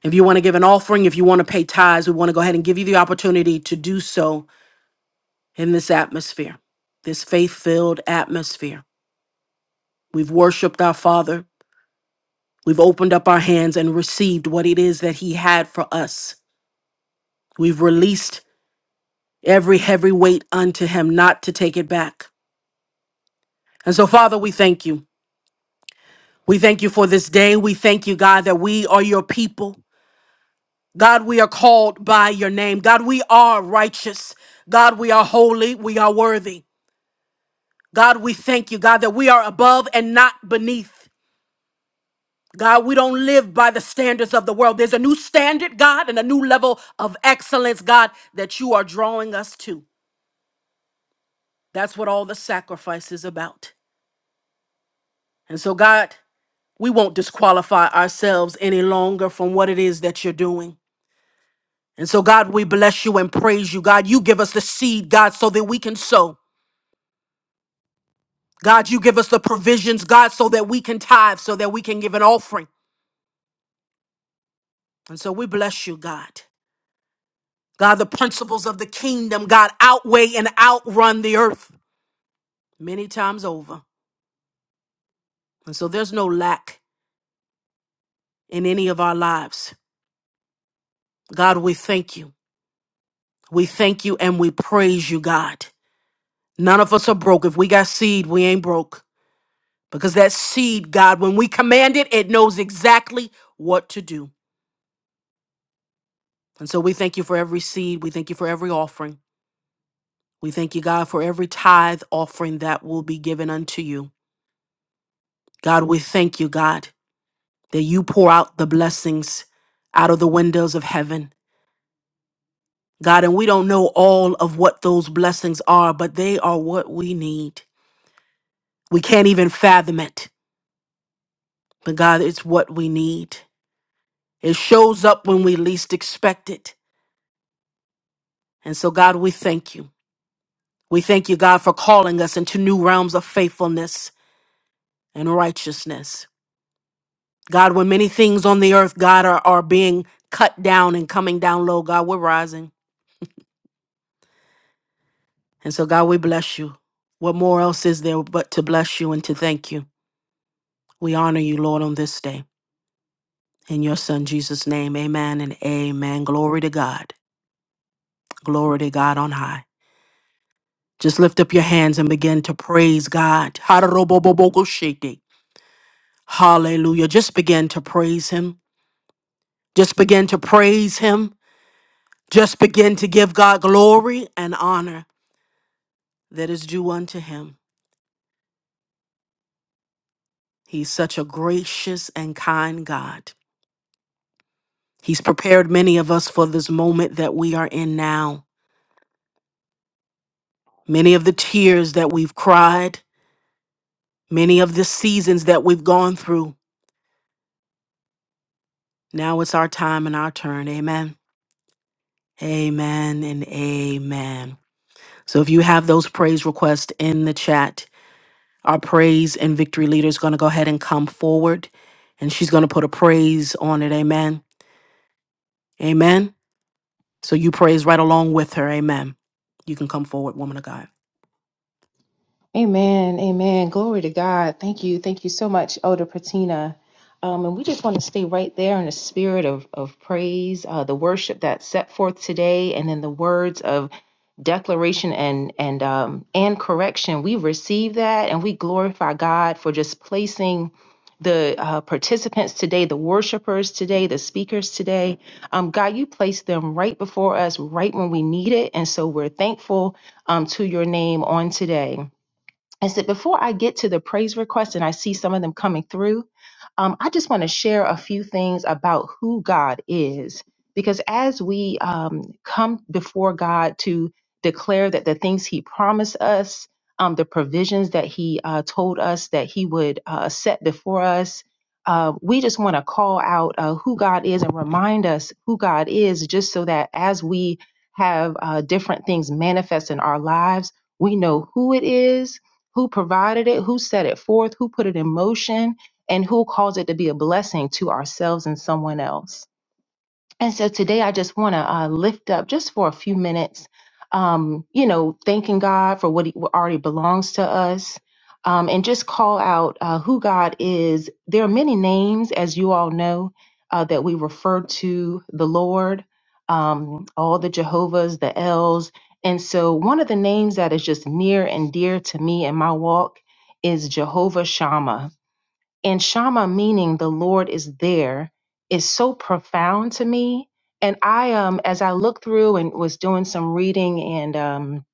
A: if you want to give an offering, if you want to pay tithes, we want to go ahead and give you the opportunity to do so in this atmosphere, this faith filled atmosphere. We've worshiped our Father. We've opened up our hands and received what it is that He had for us. We've released every heavy weight unto Him, not to take it back. And so, Father, we thank you. We thank you for this day. We thank you, God, that we are your people. God, we are called by your name. God, we are righteous. God, we are holy. We are worthy. God, we thank you, God, that we are above and not beneath. God, we don't live by the standards of the world. There's a new standard, God, and a new level of excellence, God, that you are drawing us to. That's what all the sacrifice is about. And so, God, we won't disqualify ourselves any longer from what it is that you're doing. And so, God, we bless you and praise you. God, you give us the seed, God, so that we can sow. God, you give us the provisions, God, so that we can tithe, so that we can give an offering. And so we bless you, God. God, the principles of the kingdom, God, outweigh and outrun the earth many times over. And so there's no lack in any of our lives. God, we thank you. We thank you and we praise you, God. None of us are broke. If we got seed, we ain't broke. Because that seed, God, when we command it, it knows exactly what to do. And so we thank you for every seed. We thank you for every offering. We thank you, God, for every tithe offering that will be given unto you. God, we thank you, God, that you pour out the blessings out of the windows of heaven. God, and we don't know all of what those blessings are, but they are what we need. We can't even fathom it, but God, it's what we need. It shows up when we least expect it. And so, God, we thank you. We thank you, God, for calling us into new realms of faithfulness and righteousness. God, when many things on the earth, God, are, are being cut down and coming down low, God, we're rising. And so, God, we bless you. What more else is there but to bless you and to thank you? We honor you, Lord, on this day. In your Son, Jesus' name, amen and amen. Glory to God. Glory to God on high. Just lift up your hands and begin to praise God. Hallelujah. Just begin to praise Him. Just begin to praise Him. Just begin to give God glory and honor. that is due unto him. He's such a gracious and kind God. He's prepared many of us for this moment that we are in now. Many of the tears that we've cried, many of the seasons that we've gone through. Now it's our time and our turn. Amen. Amen and amen. So if you have those praise requests in the chat, our praise and victory leader is going to go ahead and come forward and she's going to put a praise on it. Amen. Amen. So you praise right along with her. Amen. You can come forward, woman of God.
D: Amen. Amen. Glory to God. Thank you. Thank you so much, Elder Patina. Um, and we just want to stay right there in the spirit of, of praise, uh, the worship that's set forth today, and then the words of declaration and and um, and correction. We receive that, and we glorify God for just placing the uh, participants today, the worshipers today, the speakers today. Um, God, you placed them right before us, right when we need it, and so we're thankful um, to your name on today. I said, before I get to the praise requests and I see some of them coming through, um, I just want to share a few things about who God is. Because as we um, come before God to declare that the things He promised us, um, the provisions that He uh, told us that He would uh, set before us, uh, we just want to call out uh, who God is and remind us who God is, just so that as we have uh, different things manifest in our lives, we know who it is who provided it, who set it forth, who put it in motion, and who caused it to be a blessing to ourselves and someone else. And so today I just want to uh, lift up just for a few minutes, um, you know, thanking God for what, he, what already belongs to us um, and just call out uh, who God is. There are many names, as you all know, uh, that we refer to the Lord, um, all the Jehovah's, the L's. And so one of the names that is just near and dear to me in my walk is Jehovah Shammah and Shama meaning the Lord is there is so profound to me. And I, um, as I looked through and was doing some reading and um,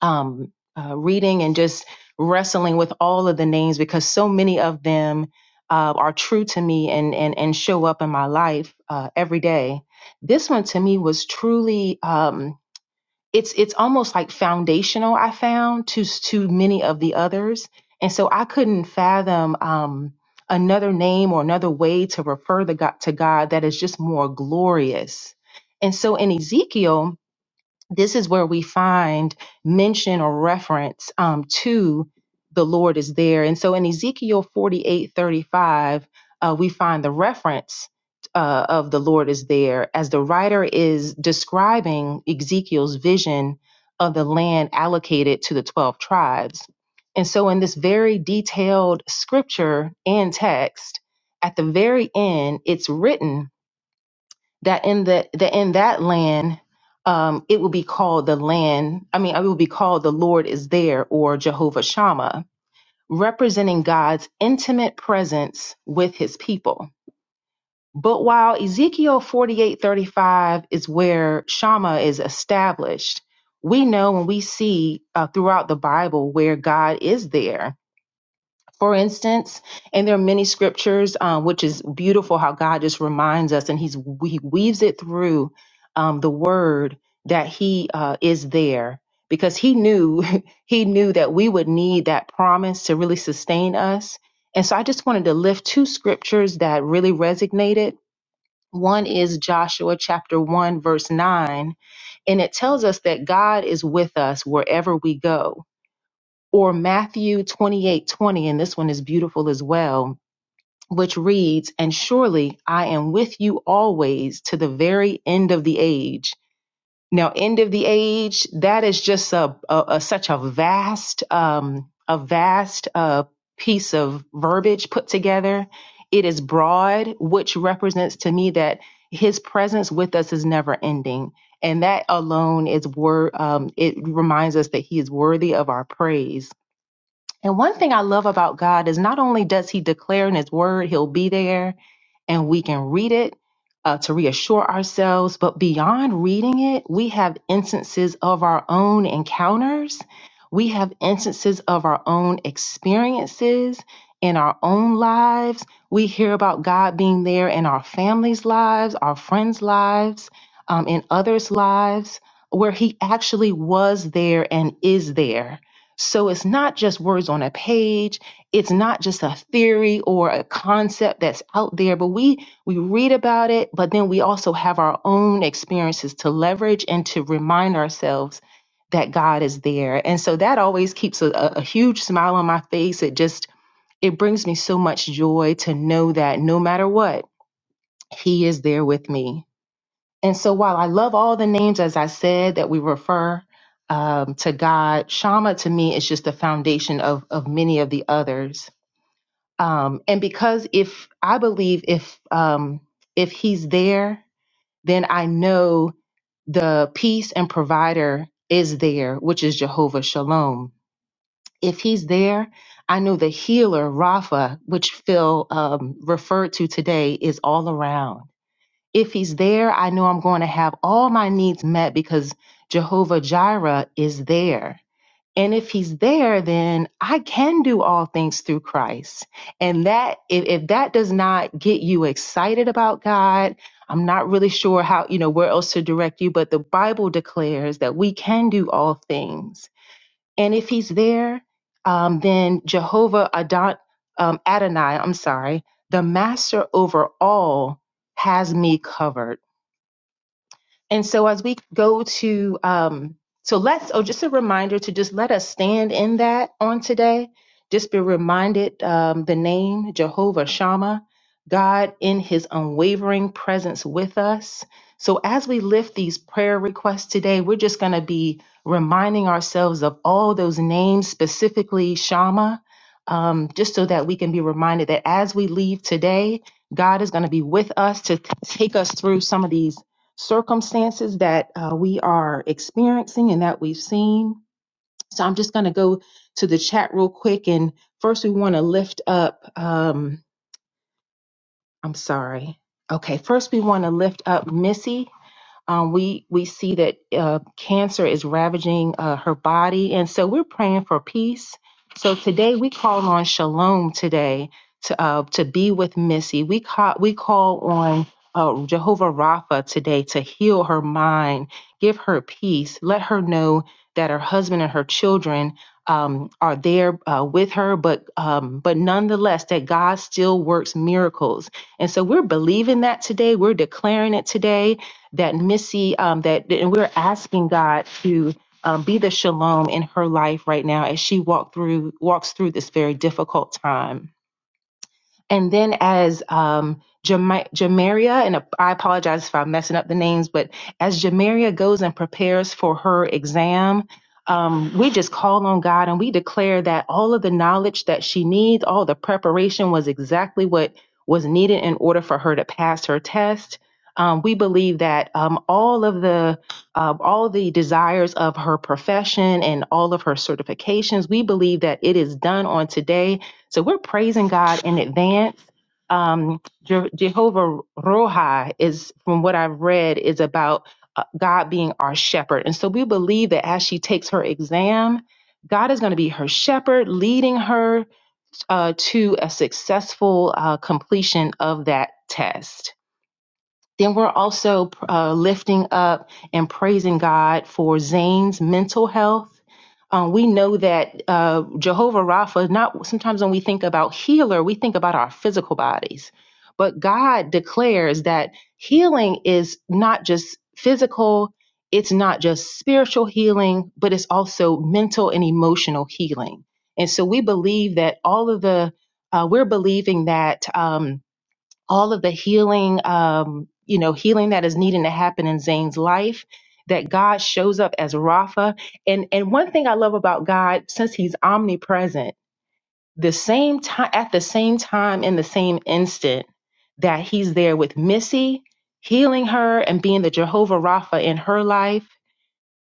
D: um, uh, reading and just wrestling with all of the names because so many of them uh, are true to me and and and show up in my life uh, every day. This one to me was truly. Um, it's it's almost like foundational i found to to many of the others and so i couldn't fathom um another name or another way to refer the god to god that is just more glorious and so in ezekiel this is where we find mention or reference um, to the Lord is there. And so in Ezekiel 48 35 uh, we find the reference uh, of the Lord is there as the writer is describing Ezekiel's vision of the land allocated to the 12 tribes. And so in this very detailed scripture and text, at the very end, it's written that in the that in that land um, it will be called the land. I mean, it will be called the Lord is there or Jehovah Shammah, representing God's intimate presence with His people. But while Ezekiel forty eight thirty five is where Shammah is established, we know and we see uh, throughout the Bible where God is there for instance. And there are many scriptures, uh, which is beautiful how God just reminds us and he's, he weaves it through um, the word that he uh, is there because he knew [laughs] he knew that we would need that promise to really sustain us. And so I just wanted to lift two scriptures that really resonated. One is Joshua chapter 1 verse 9 and it tells us that God is with us wherever we go or Matthew 28 20, and this one is beautiful as well, which reads, And surely I am with you always to the very end of the age. Now, end of the age, that is just a, a, a- such a vast, um, a vast uh, piece of verbiage put together. It is broad, which represents to me that his presence with us is never ending. And that alone is wor- um, it reminds us that he is worthy of our praise and one thing I love about God is not only does He declare in His Word He'll be there and we can read it uh, to reassure ourselves, but beyond reading it, we have instances of our own encounters. We have instances of our own experiences in our own lives. We hear about God being there in our families' lives, our friends' lives, um, in others' lives, where He actually was there and is there. So it's not just words on a page, it's not just a theory or a concept that's out there, but we we read about it, but then we also have our own experiences to leverage and to remind ourselves that God is there. And so that always keeps a, a a huge smile on my face. It just it brings me so much joy to know that no matter what, he is there with me and so while I love all the names, as I said, that we refer um, to God, Shama to me is just the foundation of, of many of the others. Um, and because if I believe if um, if he's there, then I know the peace and provider is there, which is Jehovah Shalom. If he's there, I know the healer, Rapha, which Phil um, referred to today, is all around if he's there, I know I'm going to have all my needs met because Jehovah Jireh is there. And if he's there, then I can do all things through Christ. And that, if, if that does not get you excited about God, I'm not really sure how, you know, where else to direct you, but the Bible declares that we can do all things. And if he's there, um, then Jehovah Adon, um, Adonai, I'm sorry, the master over all has me covered. And so as we go to um so let's oh just a reminder to just let us stand in that on today. Just be reminded um the name Jehovah Shammah, God in his unwavering presence with us. So as we lift these prayer requests today, we're just going to be reminding ourselves of all those names, specifically Shammah, um, just so that we can be reminded that as we leave today, God is going to be with us to t- take us through some of these circumstances that uh, we are experiencing and that we've seen. So I'm just going to go to the chat real quick. And first, we want to lift up, um, I'm sorry. Okay, first, we want to lift up Missy. Um, we we see that uh, cancer is ravaging uh, her body, and so we're praying for peace. So today we call on Shalom today to uh, to be with Missy. We call we call on uh, Jehovah Rapha today to heal her mind, give her peace, let her know that her husband and her children um, are there uh, with her, but um, but nonetheless that God still works miracles. And so we're believing that today. We're declaring it today that Missy, um, that and we're asking God to um, be the shalom in her life right now as she walk through walks through this very difficult time and then as um, Jama- Jamaria, and I apologize if I'm messing up the names, but as Jamaria goes and prepares for her exam, um, we just call on God and we declare that all of the knowledge that she needs, all the preparation was exactly what was needed in order for her to pass her test. Um, we believe that um, all of the uh, all the desires of her profession and all of her certifications, we believe that it is done on today so we're praising God in advance. Um, Je- Jehovah Rohi is, from what I've read, is about uh, God being our shepherd. And so we believe that as she takes her exam, God is going to be her shepherd, leading her uh, to a successful uh, completion of that test. Then we're also uh, lifting up and praising God for Zane's mental health. Um, we know that uh, Jehovah Rapha, not sometimes when we think about healer, we think about our physical bodies. But God declares that healing is not just physical, it's not just spiritual healing, but it's also mental and emotional healing. And so we believe that all of the, uh, we're believing that. Um, all of the healing, um, you know, healing that is needing to happen in Zane's life, that God shows up as Rapha. And and one thing I love about God, since He's omnipresent, the same time at the same time in the same instant that He's there with Missy, healing her and being the Jehovah Rapha in her life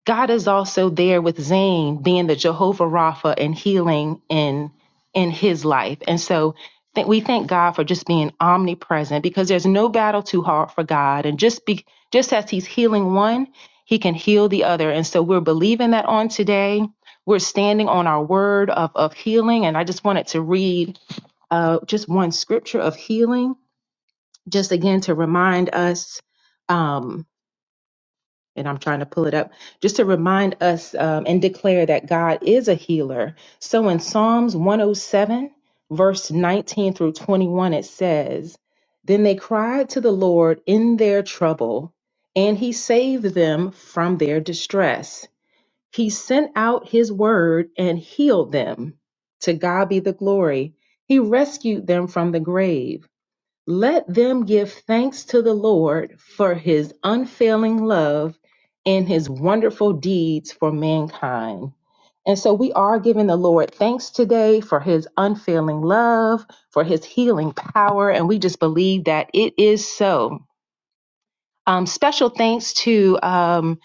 D: God is also there with Zane being the Jehovah Rapha and healing in in his life. And so th- we thank God for just being omnipresent because there's no battle too hard for God. And just be just as he's healing one, he can heal the other. And so we're believing that on today. We're standing on our word of, of healing. And I just wanted to read uh, just one scripture of healing, just again to remind us. Um, and I'm trying to pull it up just to remind us um, and declare that God is a healer. So in Psalms 107, verse 19 through 21, it says, Then they cried to the Lord in their trouble, and he saved them from their distress. He sent out his word and healed them. To God be the glory. He rescued them from the grave let them give thanks to the Lord for his unfailing love and his wonderful deeds for mankind. And so we are giving the Lord thanks today for his unfailing love, for his healing power, and we just believe that it is so. Um, special thanks to um,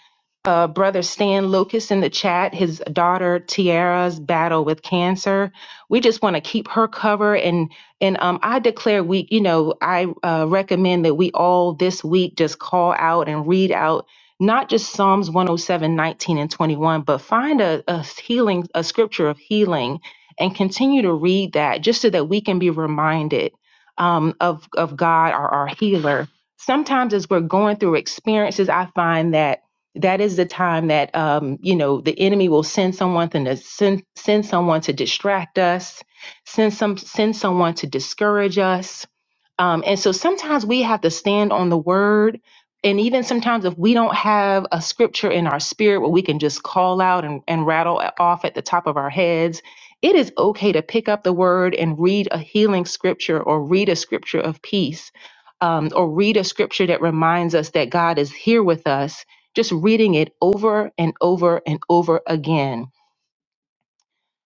D: uh, brother Stan Lucas in the chat, his daughter Tiara's battle with cancer. We just want to keep her covered, and and um, I declare we, you know, I uh, recommend that we all this week just call out and read out not just Psalms 107, 19, and 21, but find a, a healing, a scripture of healing and continue to read that just so that we can be reminded um, of, of God, our, our healer. Sometimes as we're going through experiences, I find that that is the time that um, you know the enemy will send someone to send, send someone to distract us send some send someone to discourage us um, and so sometimes we have to stand on the word and even sometimes if we don't have a scripture in our spirit where we can just call out and, and rattle off at the top of our heads it is okay to pick up the word and read a healing scripture or read a scripture of peace um, or read a scripture that reminds us that god is here with us just reading it over and over and over again.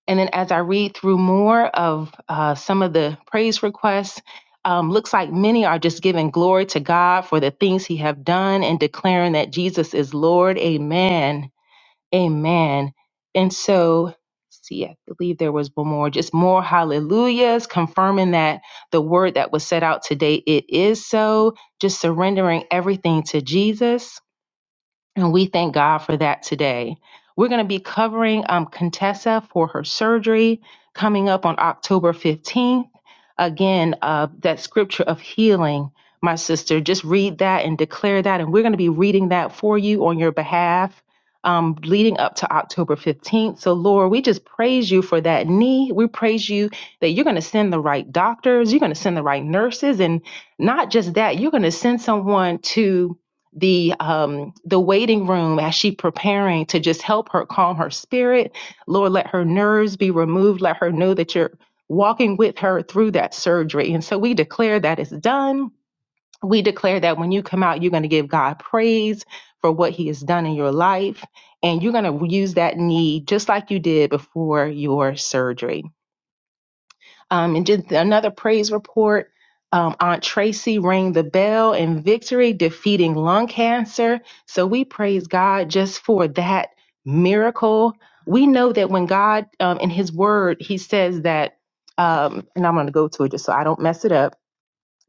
D: And then as I read through more of uh, some of the praise requests, um, looks like many are just giving glory to God for the things He have done and declaring that Jesus is Lord. Amen. Amen. And so, let's see, I believe there was one more, just more hallelujahs, confirming that the word that was set out today, it is so. Just surrendering everything to Jesus and we thank God for that today. We're going to be covering um, Contessa for her surgery coming up on October 15th. Again, uh, that scripture of healing, my sister, just read that and declare that. And we're going to be reading that for you on your behalf um, leading up to October 15th. So, Lord, we just praise you for that knee. We praise you that you're going to send the right doctors, you're going to send the right nurses. And not just that, you're going to send someone to the um the waiting room as she preparing to just help her calm her spirit lord let her nerves be removed let her know that you're walking with her through that surgery and so we declare that it's done we declare that when you come out you're going to give god praise for what he has done in your life and you're going to use that need just like you did before your surgery um, and did another praise report. Um, Aunt Tracy rang the bell in victory, defeating lung cancer. So we praise God just for that miracle. We know that when God, um, in His Word, He says that, um, and I'm going to go to it just so I don't mess it up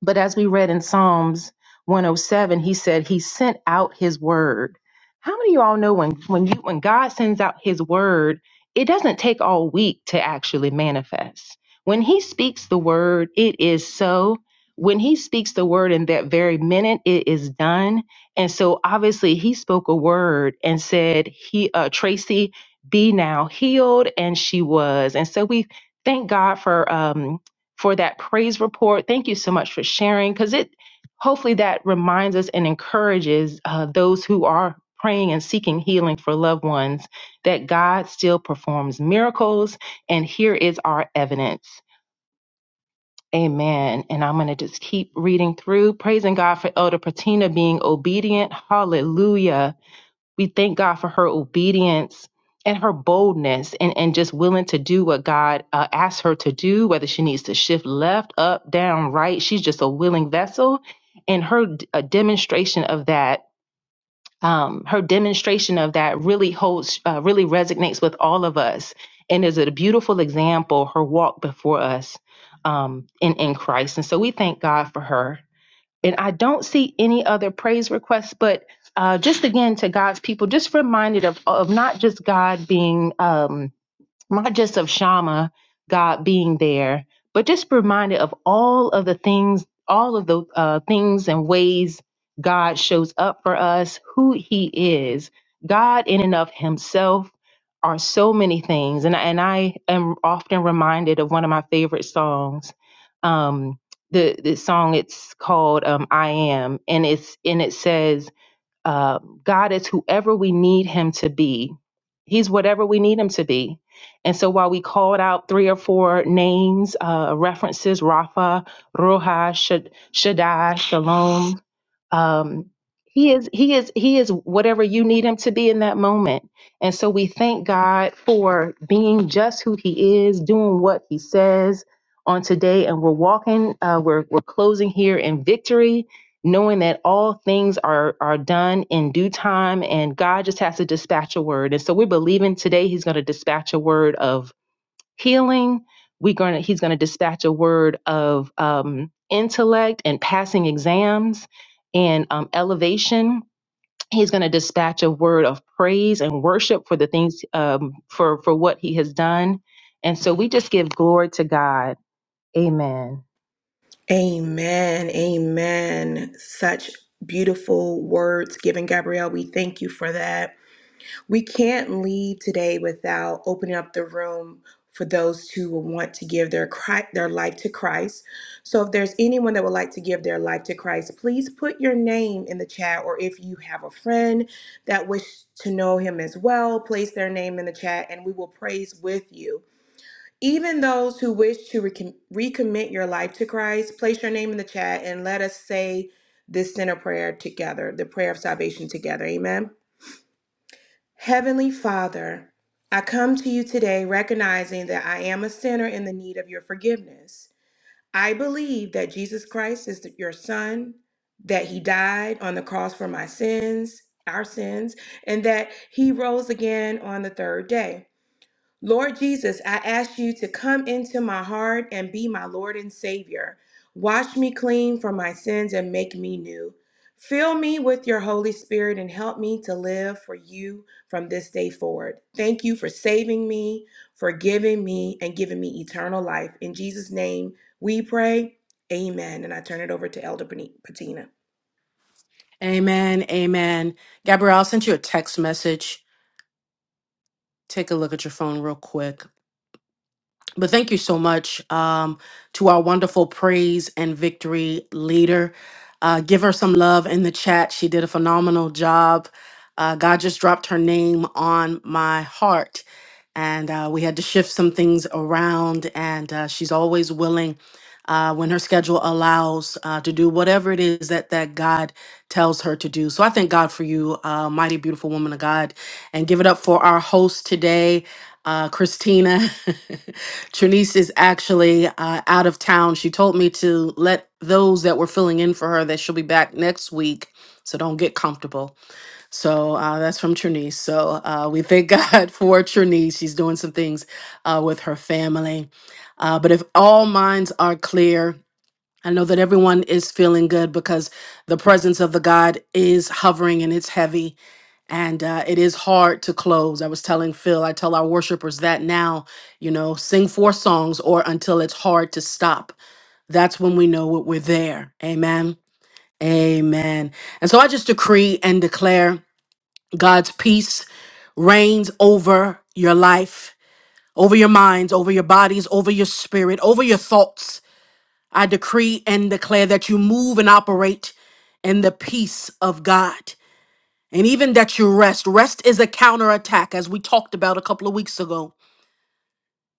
D: but as we read in Psalms 107, he said he sent out his word. How many of y'all know when when you when God sends out his word, it doesn't take all week to actually manifest. When he speaks the word, it is so. When he speaks the word in that very minute, it is done. And so obviously he spoke a word and said, He uh Tracy, be now healed, and she was. And so we thank God for um for that praise report. Thank you so much for sharing because it hopefully that reminds us and encourages uh, those who are praying and seeking healing for loved ones that God still performs miracles. And here is our evidence. Amen. And I'm going to just keep reading through, praising God for Elder Patina being obedient. Hallelujah we thank God for her obedience and her boldness and, and just willing to do what God uh, asks her to do, whether she needs to shift left, up, down, right. She's just a willing vessel. And her d- a demonstration of that, um, her demonstration of that really holds, uh, really resonates with all of us. And is a beautiful example, her walk before us um, in, in Christ. And so we thank God for her. And I don't see any other praise requests, but uh, just again to God's people, just reminded of, of not just God being. Um, not just of Shama, God being there, but just reminded of all of the things, all of the uh, things and ways God shows up for us, who He is. God in and of Himself are so many things, and and I am often reminded of one of my favorite songs. Um, the the song it's called um, "I Am," and it's and it says um, God is whoever we need him to be. He's whatever we need him to be. And so while we called out three or four names, uh, references, Rafa, Ruha, Shad- Shaddai, Shalom, um, he is he is he is whatever you need him to be in that moment and so we thank god for being just who he is doing what he says on today and we're walking uh, we're, we're closing here in victory knowing that all things are are done in due time and god just has to dispatch a word and so we're believing today he's going to dispatch a word of healing we're going to he's going to dispatch a word of um, intellect and passing exams and um, elevation he's going to dispatch a word of praise and worship for the things um, for for what he has done and so we just give glory to god amen
C: Amen. Amen. Such beautiful words given, Gabrielle. We thank you for that. We can't leave today without opening up the room for those who will want to give their Chri- their life to Christ. So if there's anyone that would like to give their life to Christ, please put your name in the chat or if you have a friend that wish to know him as well, place their name in the chat and we will praise with you. Even those who wish to recom- recommit your life to Christ, place your name in the chat and let us say this sinner prayer together, the prayer of salvation together. Amen. Heavenly Father, I come to you today recognizing that I am a sinner in the need of your forgiveness. I believe that Jesus Christ is your Son, that he died on the cross for my sins, our sins, and that he rose again on the third day. Lord Jesus, I ask you to come into my heart and be my Lord and Savior. Wash me clean from my sins and make me new. Fill me with your Holy Spirit and help me to live for you from this day forward. Thank you for saving me, forgiving me, and giving me eternal life. In Jesus' name we pray. Amen. And I turn it over to Elder Patina.
A: Amen. Amen. Gabrielle, I sent you a text message. Take a look at your phone real quick. But thank you so much um, to our wonderful praise and victory leader. Uh, give her some love in the chat. She did a phenomenal job. Uh, God just dropped her name on my heart, and uh, we had to shift some things around. And uh, she's always willing, uh, when her schedule allows, uh, to do whatever it is that that God tells her to do. So I thank God for you, uh, mighty beautiful woman of God, and give it up for our host today, uh, Christina. [laughs] Trinice is actually uh, out of town. She told me to let those that were filling in for her that she'll be back next week. So don't get comfortable. So uh, that's from Trinice. So uh, we thank [laughs] God for Trinice. She's doing some things uh, with her family. Uh, but if all minds are clear, I know that everyone is feeling good because the presence of the God is hovering and it's heavy and uh, it is hard to close. I was telling Phil, I tell our worshipers that now, you know, sing four songs or until it's hard to stop. That's when we know what we're there. Amen. Amen. And so I just decree and declare God's peace reigns over your life, over your minds, over your bodies, over your spirit, over your thoughts. I decree and declare that you move and operate in the peace of God. And even that you rest. Rest is a counterattack, as we talked about a couple of weeks ago.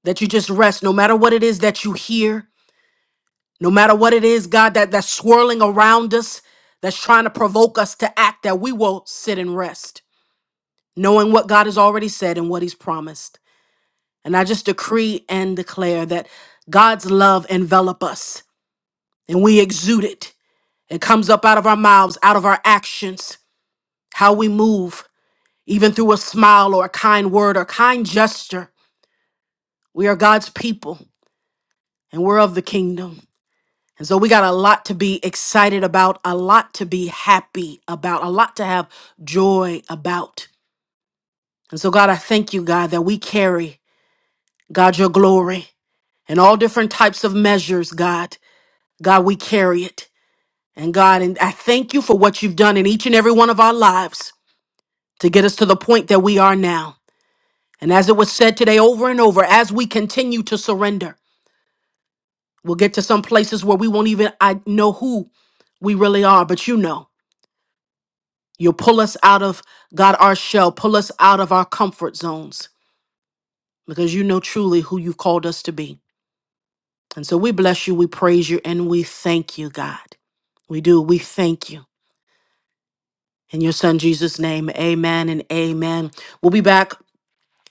A: That you just rest, no matter what it is that you hear, no matter what it is, God, that, that's swirling around us, that's trying to provoke us to act, that we will sit and rest, knowing what God has already said and what He's promised. And I just decree and declare that God's love envelop us and we exude it. It comes up out of our mouths, out of our actions, how we move, even through a smile or a kind word or kind gesture We are God's people and we're of the kingdom. And so we got a lot to be excited about, a lot to be happy about, a lot to have joy about. And so, God, I thank you, God, that we carry, God, your glory in all different types of measures, God. God, we carry it. And God, and I thank you for what you've done in each and every one of our lives to get us to the point that we are now. And as it was said today over and over, as we continue to surrender, We'll get to some places where we won't even I know who we really are, but you know. You'll pull us out of God our shell, pull us out of our comfort zones because you know truly who you've called us to be. And so we bless you, we praise you, and we thank you, God. We do. We thank you. In your son Jesus' name, amen and amen. We'll be back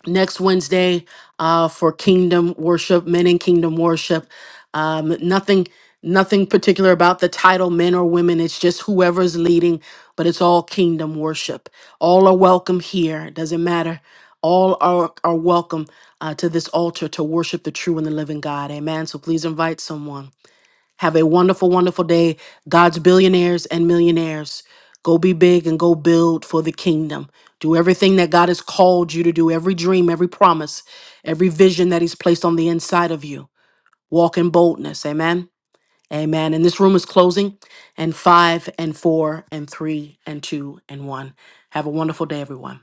A: next Wednesday uh, for Kingdom Worship, Men in Kingdom Worship. Um, nothing, nothing particular about the title, men or women. It's just whoever's leading, but it's all Kingdom Worship. All are welcome here. It doesn't matter. All are are welcome uh, to this altar to worship the true and the living God. Amen. So please invite someone. Have a wonderful, wonderful day. God's billionaires and millionaires, go be big and go build for the kingdom. Do everything that God has called you to do, every dream, every promise, every vision that He's placed on the inside of you. Walk in boldness. Amen. Amen. And this room is closing and five and four and three and two and one. Have a wonderful day, everyone.